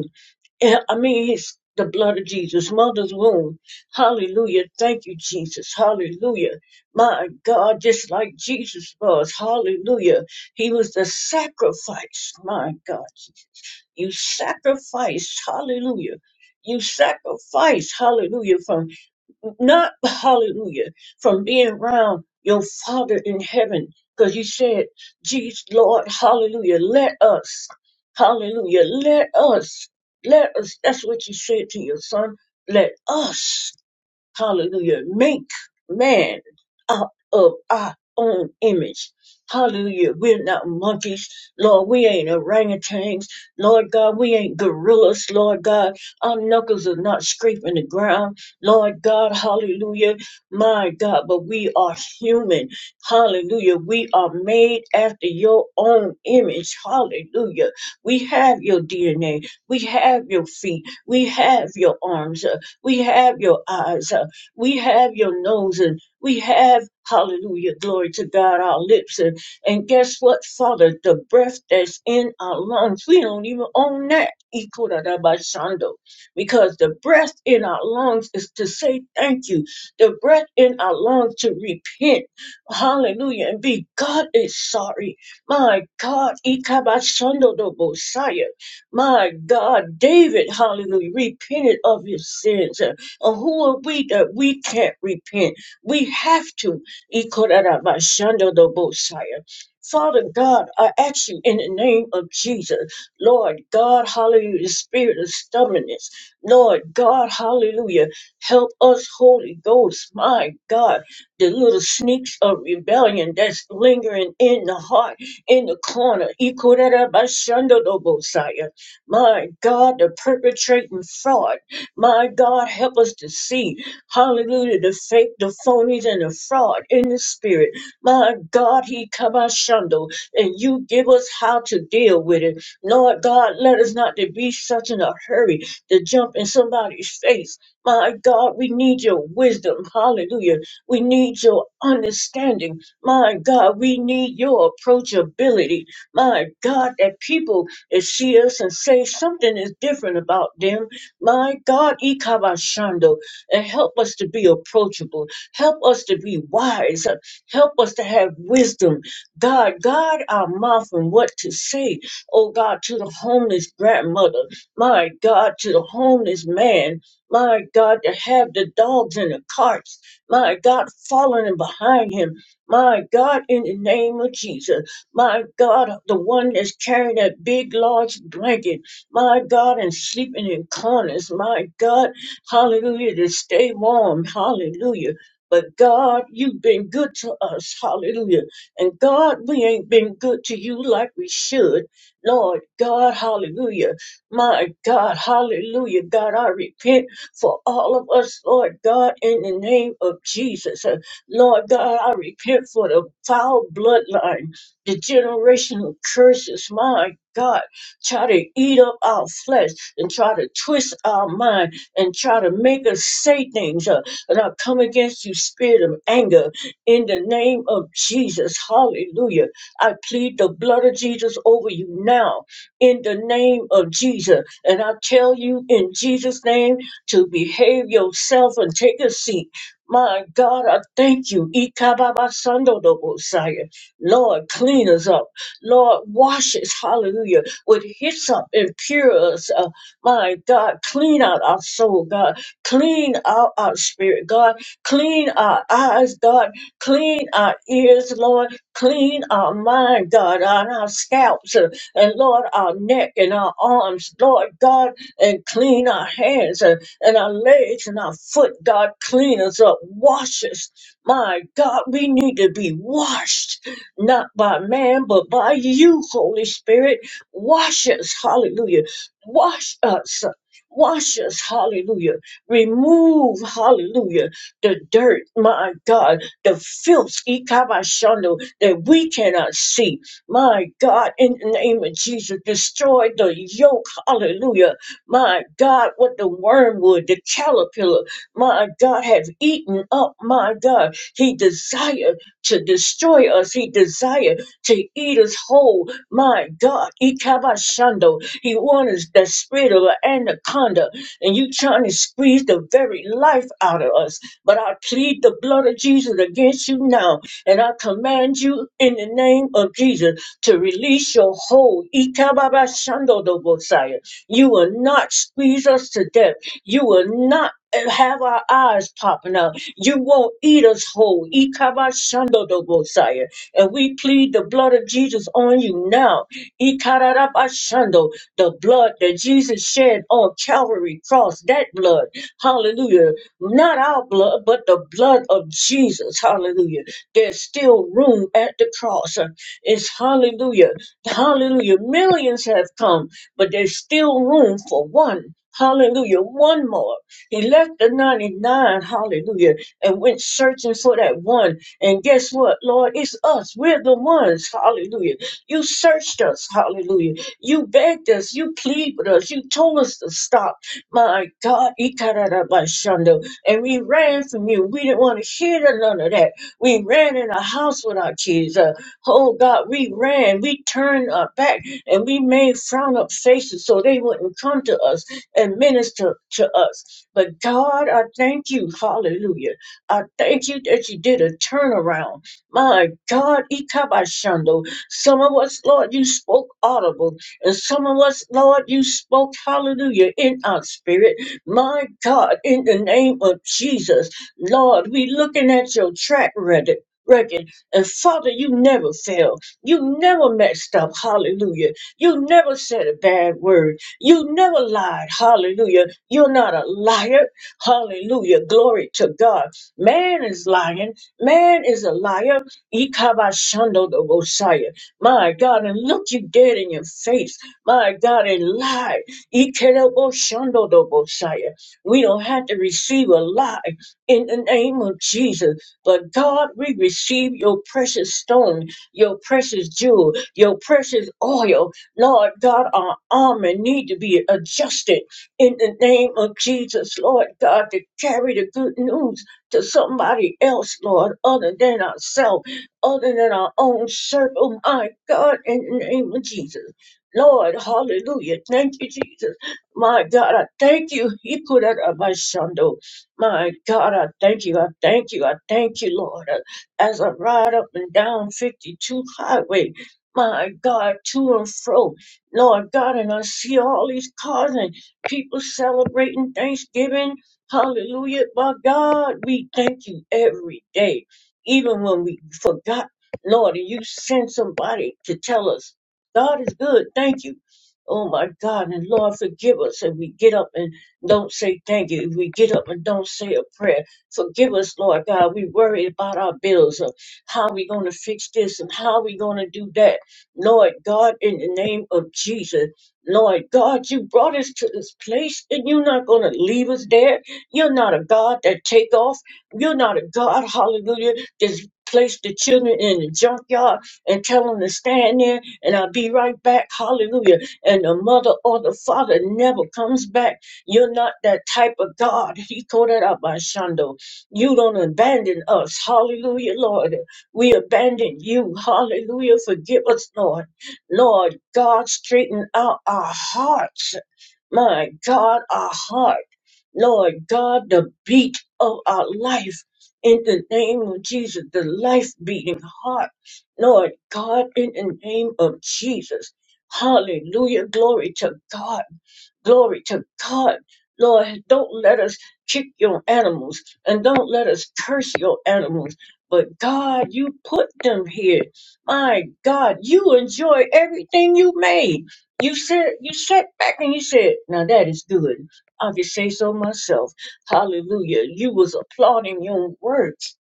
Speaker 2: Yeah, I mean, his, the blood of Jesus, mother's womb. Hallelujah. Thank you, Jesus. Hallelujah. My God, just like Jesus was. Hallelujah. He was the sacrifice. My God, you sacrificed. Hallelujah. You sacrificed. Hallelujah. From not hallelujah from being around your father in heaven because you said jesus lord hallelujah let us hallelujah let us let us that's what you said to your son let us Hallelujah. Make man out of our own image. Hallelujah. We're not monkeys. Lord, we ain't orangutans. Lord God, we ain't gorillas. Lord God, our knuckles are not scraping the ground. Lord God, hallelujah. My God, but we are human. Hallelujah. We are made after your own image. Hallelujah. We have your DNA. We have your feet. We have your arms. Uh, we have your eyes. Uh, we have your nose and we have, hallelujah, glory to God, our lips. And, and guess what, Father? The breath that's in our lungs, we don't even own that. Ikurabashando. Because the breath in our lungs is to say thank you, the breath in our lungs to repent. Hallelujah. And be God is sorry. My God, Ikabashando the Messiah. My God, David, hallelujah, repented of his sins. Or who are we that we can't repent? We have to. Ikorarabashandodobosaya. Father God, I ask you in the name of Jesus, Lord God, hallelujah, the spirit of stubbornness, Lord God, hallelujah, help us, Holy Ghost, my God, the little sneaks of rebellion that's lingering in the heart, in the corner, Ikorarabashandodobosaya. my God, the perpetrating fraud. My God, help us to see, hallelujah, the fake, the phonies, and the fraud in the spirit. My God, he come out shundo, and you give us how to deal with it. Lord God, let us not to be such in a hurry to jump in somebody's face. My God, we need your wisdom. Hallelujah. We need your understanding. My God, we need your approachability. My God, that people that see us and say something is different about them. My God, Ikabashando, and help us to be approachable. Help us to be wise. Help us to have wisdom. God, guard our mouth and what to say. Oh God, to the homeless grandmother. My God, to the homeless man. My God, to have the dogs in the carts. My God, following behind him. My God, in the name of Jesus. My God, the one that's carrying that big, large blanket my God, and sleeping in corners, my God, hallelujah, to stay warm, hallelujah. But God, you've been good to us, hallelujah. And God, we ain't been good to you like we should. Lord God, hallelujah. My God, hallelujah. God, I repent for all of us, Lord God, in the name of Jesus. Uh, Lord God, I repent for the foul bloodline, the generational curses, my God try to eat up our flesh and try to twist our mind and try to make us say things. Uh, and I come against you, spirit of anger, in the name of Jesus. Hallelujah. I plead the blood of Jesus over you now, in the name of Jesus. And I tell you, in Jesus' name, to behave yourself and take a seat. My God, I thank you. Ikababasandodobosaya. Lord, clean us up. Lord, wash us. Hallelujah with hyssop and pure us. Uh, my God, clean out our soul, God. Clean out our spirit, God. Clean our eyes, God. Clean our ears, Lord. Clean our mind, God, on our scalps uh, and Lord, our neck and our arms, Lord God, and clean our hands uh, and our legs and our foot, God. Clean us up, wash us. My God, we need to be washed, not by man, but by you, Holy Spirit. Wash us, hallelujah. Wash us, wash us, hallelujah. Remove, hallelujah, the dirt, my God, the filth, ikabashando, that we cannot see. My God, in the name of Jesus, destroy the yoke, hallelujah. My God, what the wormwood, the caterpillar, my God, have eaten up, my God. He desired to destroy us, he desired to eat us whole my God, Ikabashando. He wants the spirit of an anaconda, and you trying to squeeze the very life out of us. But I plead the blood of Jesus against you now, and I command you in the name of Jesus to release your hold. Ikabashando the Messiah. You will not squeeze us to death. You will not have our eyes popping out. You won't eat us whole. Ikabashando the Messiah. And we plead the blood of Jesus on you now. Ikarabashando, The blood that Jesus shed on Calvary cross, that blood, hallelujah. Not our blood, but the blood of Jesus, hallelujah. There's still room at the cross. It's hallelujah, hallelujah. Millions have come, but there's still room for one. Hallelujah. One more. He left the 99, hallelujah, and went searching for that one and guess what, Lord? It's us. We're the ones. Hallelujah. You searched us. Hallelujah. You begged us. You pleaded with us. You told us to stop. My God. Ikarabashando. And we ran from you. We didn't want to hear none of that. We ran in a house with our kids. Uh, oh, God. We ran. We turned our back and we made frown up faces so they wouldn't come to us and minister to us. But God, I thank you. Hallelujah I thank you that you did a turnaround. My God, Ikabashando. Some of us, Lord, you spoke audible. And some of us, Lord, you spoke hallelujah in our spirit. My God, in the name of Jesus, Lord, we looking at your track record. Record and Father, you never fail. You never messed up. Hallelujah. You never said a bad word. You never lied. Hallelujah. You're not a liar. Hallelujah. Glory to God. Man is lying. Man is a liar. Ikabashando the Messiah. My God, and look you dead in your face. My God, and lie. Ikebashando the Messiah. We don't have to receive a lie in the name of Jesus. But God, we receive your precious stone, your precious jewel, your precious oil. Lord God, our armor need to be adjusted in the name of Jesus, Lord God, to carry the good news to somebody else, Lord, other than ourselves, other than our own circle. My God, in the name of Jesus. Lord, hallelujah. Thank you, Jesus. My God, I thank you. He put out of my shando. My God, I thank you. I thank you. I thank you, Lord. As I ride up and down 52 highway, my God, to and fro. Lord God, and I see all these cars and people celebrating Thanksgiving Hallelujah. My God, we thank you every day, even when we forgot. Lord, and you send somebody to tell us, God is good. Thank you. Oh my God. And Lord, forgive us if we get up and don't say thank you. If we get up and don't say a prayer, forgive us, Lord God. We worry about our bills of how we going to fix this and how we going to do that. Lord God, in the name of Jesus, Lord God, you brought us to this place and you're not going to leave us there. You're not a God that take off. You're not a God, hallelujah, just place the children in the junkyard and tell them to stand there and I'll be right back, hallelujah. And the mother or the father never comes back. You're not that type of God. He called it out by Shondo. You don't abandon us, hallelujah, Lord. We abandon you, hallelujah. Forgive us, Lord. Lord, God, straighten out our hearts. My God, our hearts. Lord God, the beat of our life in the name of Jesus, the life beating heart. Lord God, in the name of Jesus. Hallelujah. Glory to God. Glory to God. Lord, don't let us kick your animals and don't let us curse your animals. But God, you put them here. My God, you enjoy everything you made. You said, you sat back and you said, now that is good. I can say so myself. Hallelujah. You was applauding your works.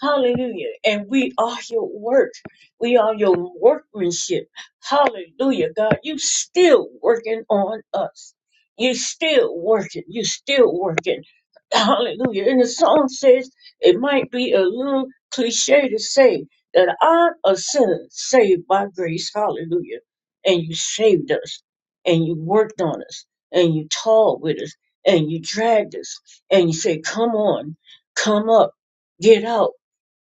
Speaker 2: Hallelujah. And we are your work. We are your workmanship. Hallelujah, God. You still working on us. You're still working. You're still working. Hallelujah. And the song says it might be a little cliche to say that I'm a sinner saved by grace. Hallelujah. And you saved us and you worked on us and you talked with us and you dragged us and you say, come on, come up, get out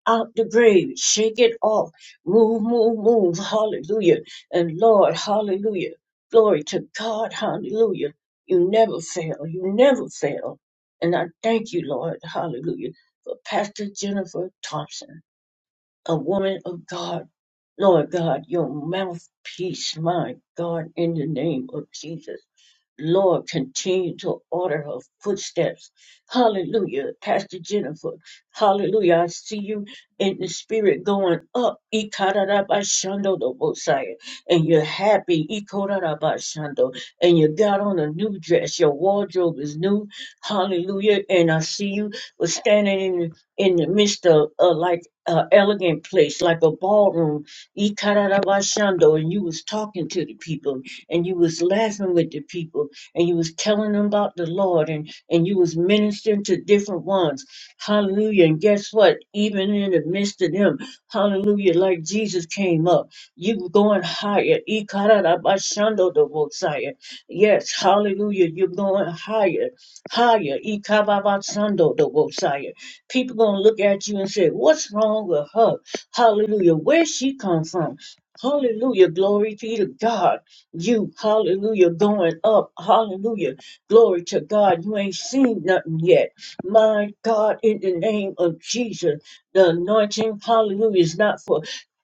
Speaker 2: out the grave. Shake it off. Move, move, move. Hallelujah. And Lord, hallelujah. Glory to God. Hallelujah. You never fail. You never fail. And I thank you, Lord. Hallelujah. For Pastor Jennifer Thompson, a woman of God. Lord God, your mouthpiece, my God, in the name of Jesus. Lord, continue to order her footsteps. Hallelujah. Pastor Jennifer, hallelujah. I see you in the spirit going up. Ikarabashando the Mosiah. And you're happy. Ikorabashando. And you got on a new dress. Your wardrobe is new. Hallelujah. And I see you was standing in, in the midst of uh, like an elegant place, like a ballroom. Ikarabashando. And you was talking to the people and you was laughing with the people and you was telling them about the Lord and, and you was ministering to different ones. Hallelujah. And guess what? Even in the midst of them, hallelujah, like Jesus came up, you were going higher. Ikarabashando the Messiah. Yes, hallelujah. You're going higher, higher. Ikababasando the Messiah. People gonna look at you and say, What's wrong with her? Hallelujah. Where she come from? Hallelujah. Glory be to God you, hallelujah, going up, hallelujah, glory to God. You ain't seen nothing yet. My God, in the name of Jesus, the anointing, hallelujah, is not for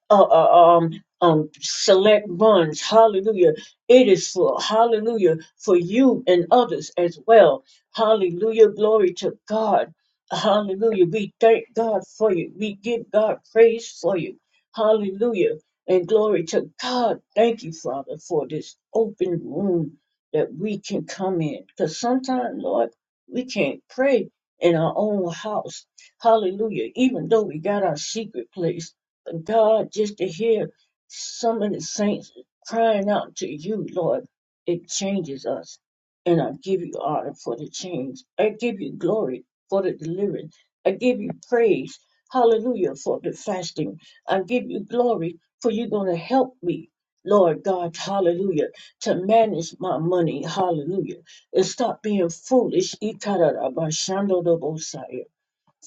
Speaker 2: uh, uh, um, um, select runs. Hallelujah. It is for, hallelujah, for you and others as well. Hallelujah. Glory to God. Hallelujah. We thank God for you. We give God praise for you. Hallelujah. And glory to God. Thank you, Father, for this open room that we can come in. Because sometimes, Lord, we can't pray in our own house. Hallelujah. Even though we got our secret place. God, just to hear some of the saints crying out to you, Lord, it changes us. And I give you honor for the change. I give you glory for the deliverance. I give you praise. Hallelujah for the fasting. I give you glory for you're going to help me. Lord God, hallelujah, to manage my money, hallelujah, and stop being foolish. Ikarabashandodobosai.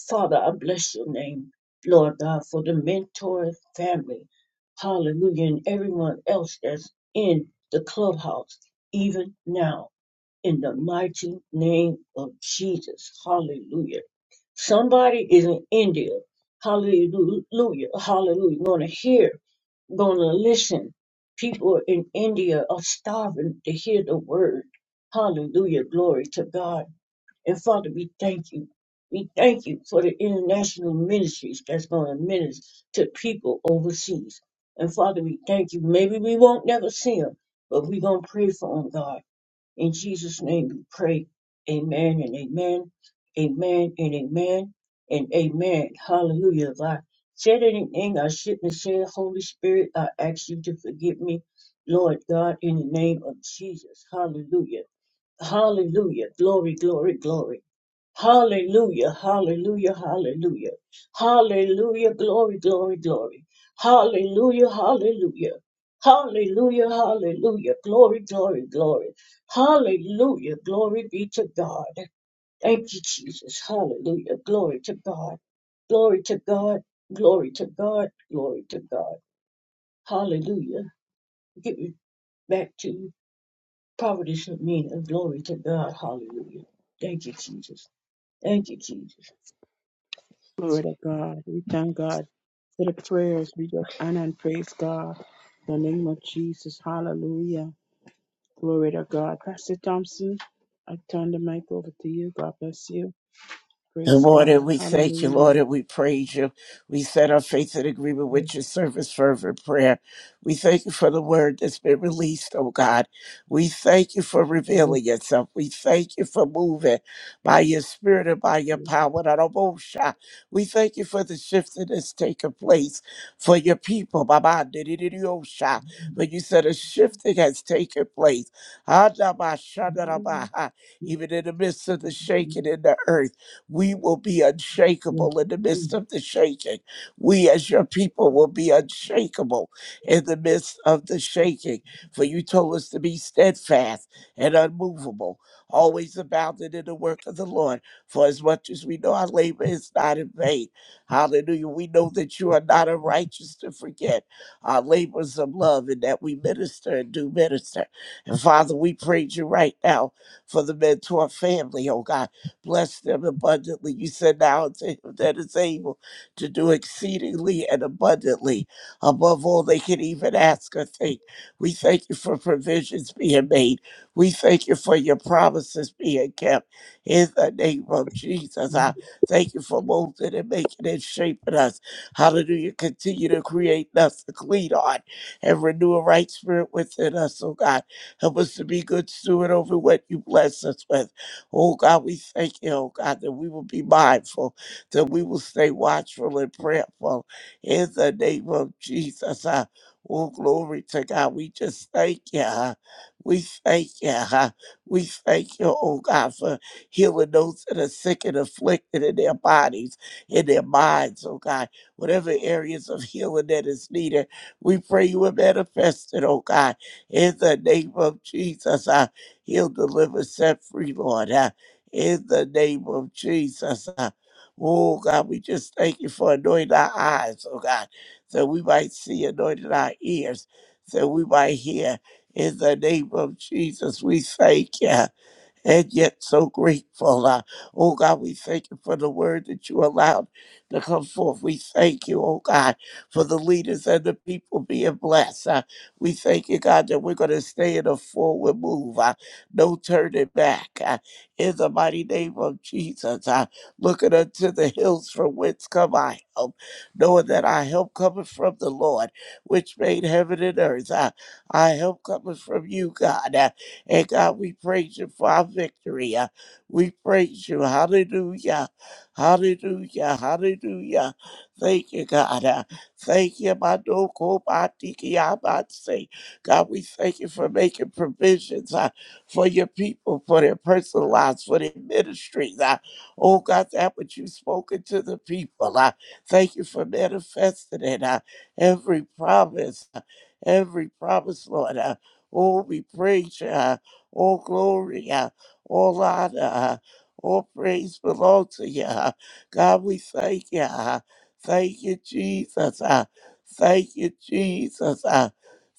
Speaker 2: Father, I bless your name, Lord God, for the mentor family. Hallelujah. And everyone else that's in the clubhouse, even now, in the mighty name of Jesus. Hallelujah. Somebody is in India. Hallelujah. Hallelujah. Gonna hear, gonna listen. People in India are starving to hear the word. Hallelujah. Glory to God. And Father, we thank you. We thank you for the international ministries that's going to minister to people overseas. And Father, we thank you. Maybe we won't never see them, but we're going to pray for them, God. In Jesus' name we pray. Amen and amen. Amen and amen and amen. Hallelujah. If I said anything I shouldn't have said, Holy Spirit, I ask you to forgive me. Lord God, in the name of Jesus. Hallelujah. Hallelujah. Glory, glory, glory. Hallelujah, hallelujah, hallelujah. Hallelujah, glory, glory, glory. Hallelujah, hallelujah. Hallelujah, hallelujah. Glory, glory, glory. Hallelujah, glory be to God. Thank you, Jesus. Hallelujah, glory to God. Glory to God, glory to God, glory to God. Hallelujah. Give me back to you. Providence of Glory to God. Hallelujah. Thank you, Jesus. Thank you, Jesus.
Speaker 1: Glory to God. We thank God for the prayers. We just honor and praise God. In the name of Jesus. Hallelujah. Glory to God. Pastor Thompson, I turn the mic over to you. God bless you.
Speaker 3: And
Speaker 1: Praise
Speaker 3: Lord, and
Speaker 1: God.
Speaker 3: we thank you,
Speaker 1: Hallelujah.
Speaker 3: Lord, and we praise you. We set our faith in agreement with your service, fervent prayer. We thank you for the word that's been released, oh God. We thank you for revealing yourself. We thank you for moving by your spirit and by your
Speaker 2: Oh,
Speaker 3: power. Not almost shy. We thank you for the shift that has taken place for your people. Baba, didididiyosha. When you said a shifting has taken place. Adabashadarabaha. Even in the midst of the shaking in the earth. We will be unshakable in the midst of the shaking. We, as your people, will be unshakable in the midst of the shaking. For you told us to be steadfast and unmovable, always abounding in the work of the Lord. For as much as we know our labor is not in vain. Hallelujah. We know that you are not unrighteous to forget our labors of love and that we minister and do minister. And Father, we praise you right now for the mentor family, oh God. Bless them abundantly. You said now to him that is able to do exceedingly and abundantly above all they can even ask or think. We thank you for provisions being made. We thank you for your promises being kept. In the name of Jesus, I thank you for molding and making and shaping us. Hallelujah. Continue to create in us a clean heart and renew a right spirit within us, oh God. Help us to be good steward over what you bless us with. Oh God, we thank you, oh God, that we will be mindful, that we will stay watchful and prayerful in the name of Jesus. Uh, oh, glory to God. We just thank you. uh, We thank you. uh, We thank you, oh God, for healing those that are sick and afflicted in their bodies, in their minds, oh God. Whatever areas of healing that is needed, we pray you will manifest it, oh God, in the name of Jesus. Uh, He'll deliver, set free, Lord, uh, in the name of Jesus. uh. oh, God, we just thank you for anointing our eyes, oh God, that we might see, anointing our ears, that we might hear. In the name of Jesus, we thank you and yet so grateful. Uh, oh God, we thank you for the word that you allowed to come forth. We thank you, oh God, for the leaders and the people being blessed. Uh, we thank you, God, that we're going to stay in a forward move, uh, no turning back. Uh, in the mighty name of Jesus, uh, looking unto the hills from whence come I help, knowing that our help cometh from the Lord, which made heaven and earth. Uh, our help cometh from you, God. Uh, and God, we praise you for our victory. Uh, We praise you. Hallelujah. Hallelujah. Hallelujah. Thank you, God. Uh, Thank you, my dog, oh, my tiki, I might say. God, we thank you for making provisions uh, for your people, for their personal lives, for their ministries. Uh, oh, God, that which you've spoken to the people. Uh, thank you for manifesting it. Uh, every promise, uh, every promise, Lord. Uh, oh, we praise you. Uh, all glory, uh, all honor, uh, all praise belong to you. uh. God, we thank you. uh. Thank you, Jesus. uh. Thank you, Jesus. uh.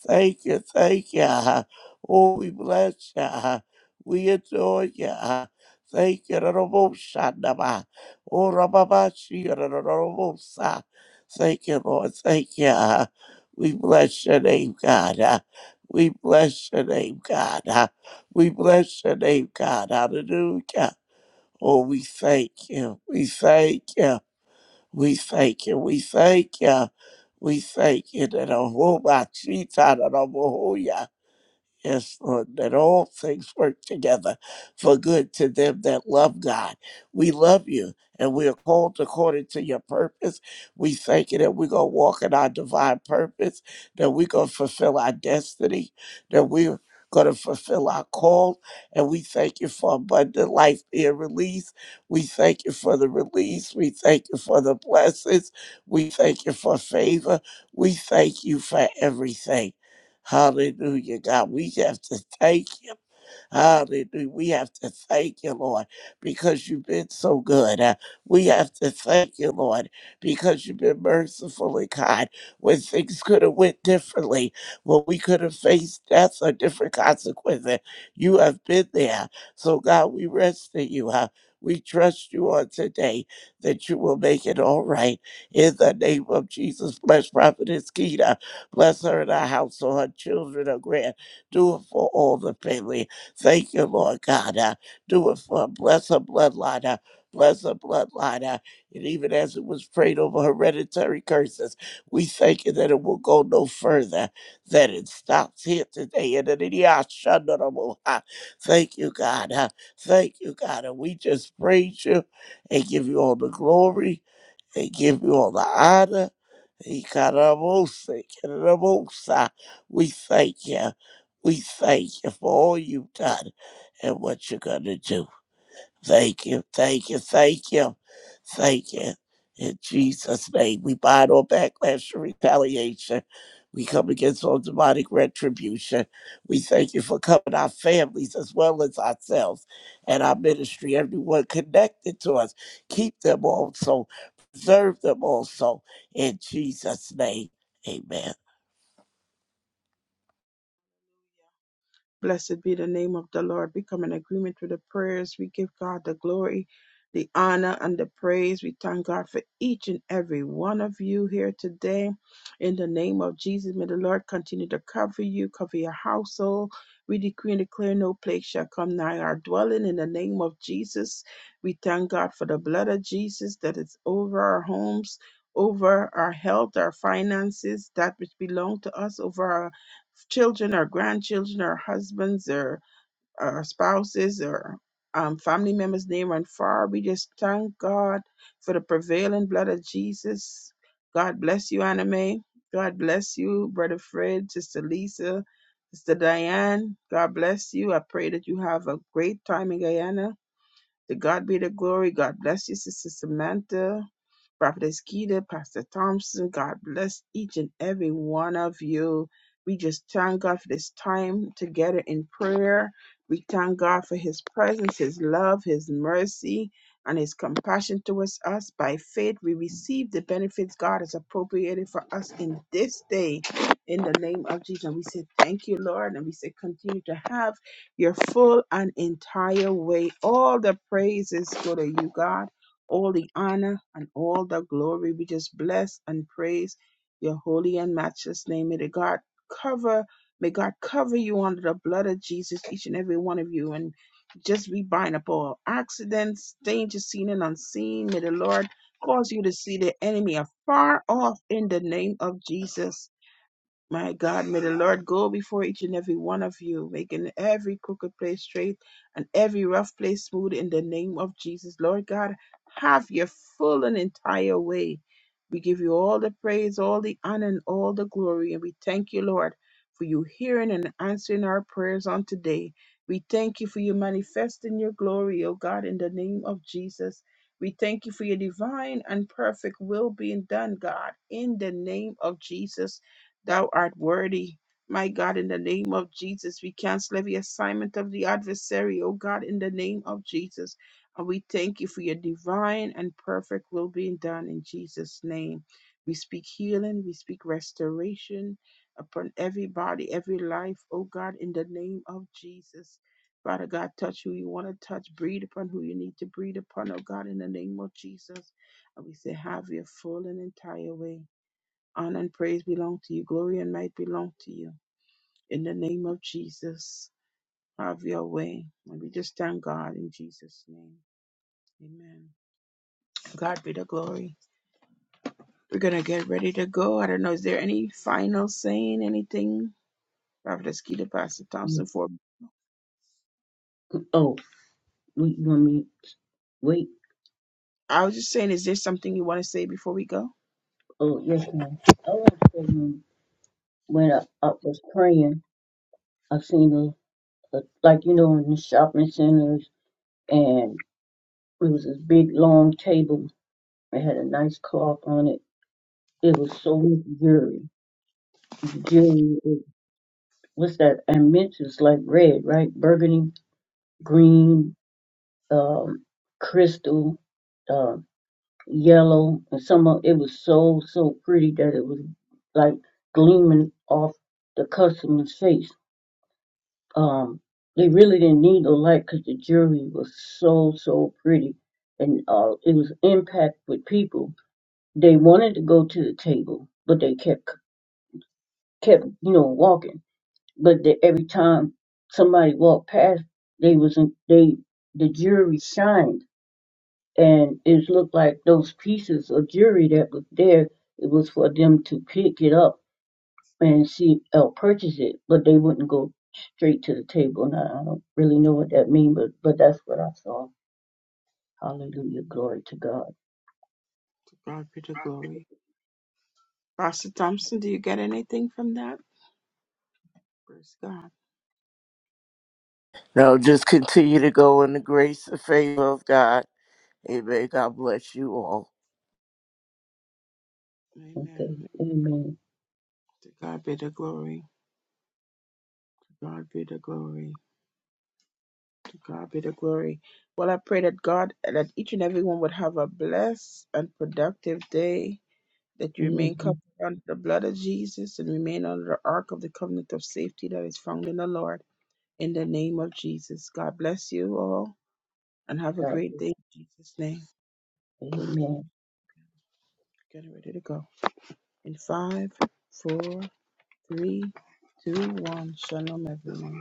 Speaker 3: Thank you, thank you. uh. Oh, we bless you. uh. We adore you. uh. Thank you, Lord. Shandaba. Oh, Rababashi, Lord. Thank you, Lord. Thank you. uh. We bless your name, God. uh. We bless your name, God. uh, we bless your name, God. Hallelujah. Oh, we thank you. We thank you. We thank you. We thank you. We thank you. That a whole lot she thought of the Lord. Yes, Lord, that all things work together for good to them that love God. We love you and we are called according to your purpose. We thank you that we're going to walk in our divine purpose, that we're going to fulfill our destiny, that we're going to fulfill our call. And we thank you for abundant life being released. We thank you for the release. We thank you for the blessings. We thank you for favor. We thank you for everything. Hallelujah, God. We have to thank you. Hallelujah. We have to thank you, Lord, because you've been so good. Uh, we have to thank you, Lord, because you've been merciful and kind. When things could have went differently, when we could have faced death or different consequences, you have been there. So, God, we rest in you. Uh, we trust you on today that you will make it all right. In the name of Jesus, bless Prophetess Keita. Bless her and her household, her children, her grand. Do it for all the family. Thank you, Lord God. Uh, do it for her. Bless her bloodline. Uh, bless her bloodline. Uh, and even as it was prayed over hereditary curses, we thank you that it will go no further, that it stops here today. And that it- yeah, shandarabo. Uh, Thank you, God. Uh, thank you, God. And we just praise you and give you all the glory they give you all the honor. Ikarabosa, Ikarabosa. We thank you. We thank you for all you've done and what you're going to do. Thank you, thank you, thank you, thank you. In Jesus' name, we bind all backlash and retaliation. We come against all demonic retribution. We thank you for covering our families as well as ourselves and our ministry, everyone connected to us. Keep them also, preserve them also. In Jesus' name, amen.
Speaker 1: Blessed be the name of the Lord. We come in agreement with the prayers. We give God the glory, the honor, and the praise. We thank God for each and every one of you here today. In the name of Jesus, may the Lord continue to cover you, cover your household. We decree and declare no plague shall come nigh our dwelling. In the name of Jesus, we thank God for the blood of Jesus that is over our homes. Over our health, our finances, that which belong to us, over our children or grandchildren or husbands or, or spouses or um, family members near and far. We just thank God for the prevailing blood of Jesus. God bless you, Anna Mae. God bless you, Brother Fred, Sister Lisa, Sister Diane. God bless you. I pray that you have a great time in Guyana to God be the glory. God bless you, Sister Samantha, Prophetess Keita, Pastor Thompson. God bless each and every one of you. We just thank God for this time together in prayer. We thank God for His presence, His love, His mercy, and His compassion towards us. By faith, we receive the benefits God has appropriated for us in this day. In the name of Jesus, we say thank you, Lord, and we say continue to have your full and entire way. All the praises go to you, God. All the honor and all the glory. We just bless and praise your holy and matchless name. May the God cover, may God cover you under the blood of Jesus, each and every one of you. And just we bind up all accidents, danger seen and unseen. May the Lord cause you to see the enemy afar off in the name of Jesus. My God, may the Lord go before each and every one of you, making every crooked place straight and every rough place smooth in the name of Jesus. Lord God, have your full and entire way. We give you all the praise, all the honor, and all the glory. And we thank you, Lord, for you hearing and answering our prayers on today. We thank you for you manifesting your glory, O God, in the name of Jesus. We thank you for your divine and perfect will being done, God, in the name of Jesus. Thou art worthy. My God, in the name of Jesus, we cancel every assignment of the adversary, oh God, in the name of Jesus. And we thank you for your divine and perfect will being done in Jesus' name. We speak healing, we speak restoration upon everybody, every life, oh God, in the name of Jesus. Father God, touch who you want to touch, breathe upon who you need to breathe upon, oh God, in the name of Jesus. And we say, have your full and entire way. Honor and praise belong to you. Glory and might belong to you. In the name of Jesus, have your way. And we just thank God in Jesus' name. Amen. God be the glory. We're going to get ready to go. I don't know. Is there any final saying, anything? Prophetess Keita, Pastor Thompson, for
Speaker 2: we want me wait.
Speaker 1: I was just saying, is there something you want to say before we go?
Speaker 2: Oh, yes, ma'am. Oh, I was thinking when I, I was praying, I seen a, a like you know in the shopping centers, and it was this big long table. It had a nice cloth on it. It was so much jewelry. The jewelry, was- what's that? And mint is like red, right? Burgundy, green, um, crystal. um, yellow, and some of it was so so pretty that it was like gleaming off the customer's face. Um, they really didn't need the light because the jewelry was so so pretty, and uh, it was impact with people. They wanted to go to the table, but they kept kept you know walking. But the, every time somebody walked past, they was in, they the jewelry shined and it looked like those pieces of jewelry that was there, it was for them to pick it up and see or purchase it, but they wouldn't go straight to the table. And I, I don't really know what that means, but but that's what I saw.
Speaker 1: Mm,
Speaker 2: Hallelujah, glory to God.
Speaker 1: to God be the glory. Pastor Thompson, do you get anything from that? Praise God.
Speaker 3: Now just continue to go in the grace and favor of God. Amen. God bless you all.
Speaker 1: Amen.
Speaker 2: Okay, Amen.
Speaker 1: To God be the glory. To God be the glory. To God be the glory. Well, I pray that God, that each and everyone would have a blessed and productive day, that you remain covered
Speaker 2: Amen.
Speaker 1: under the blood of Jesus and remain under the ark of the covenant of safety that is found in the Lord. In the name of Jesus. God bless you all and have a
Speaker 2: God.
Speaker 1: great day in Jesus' name.
Speaker 2: Amen.
Speaker 1: Getting ready to go. In five, four, three, two, one. Shalom, everyone.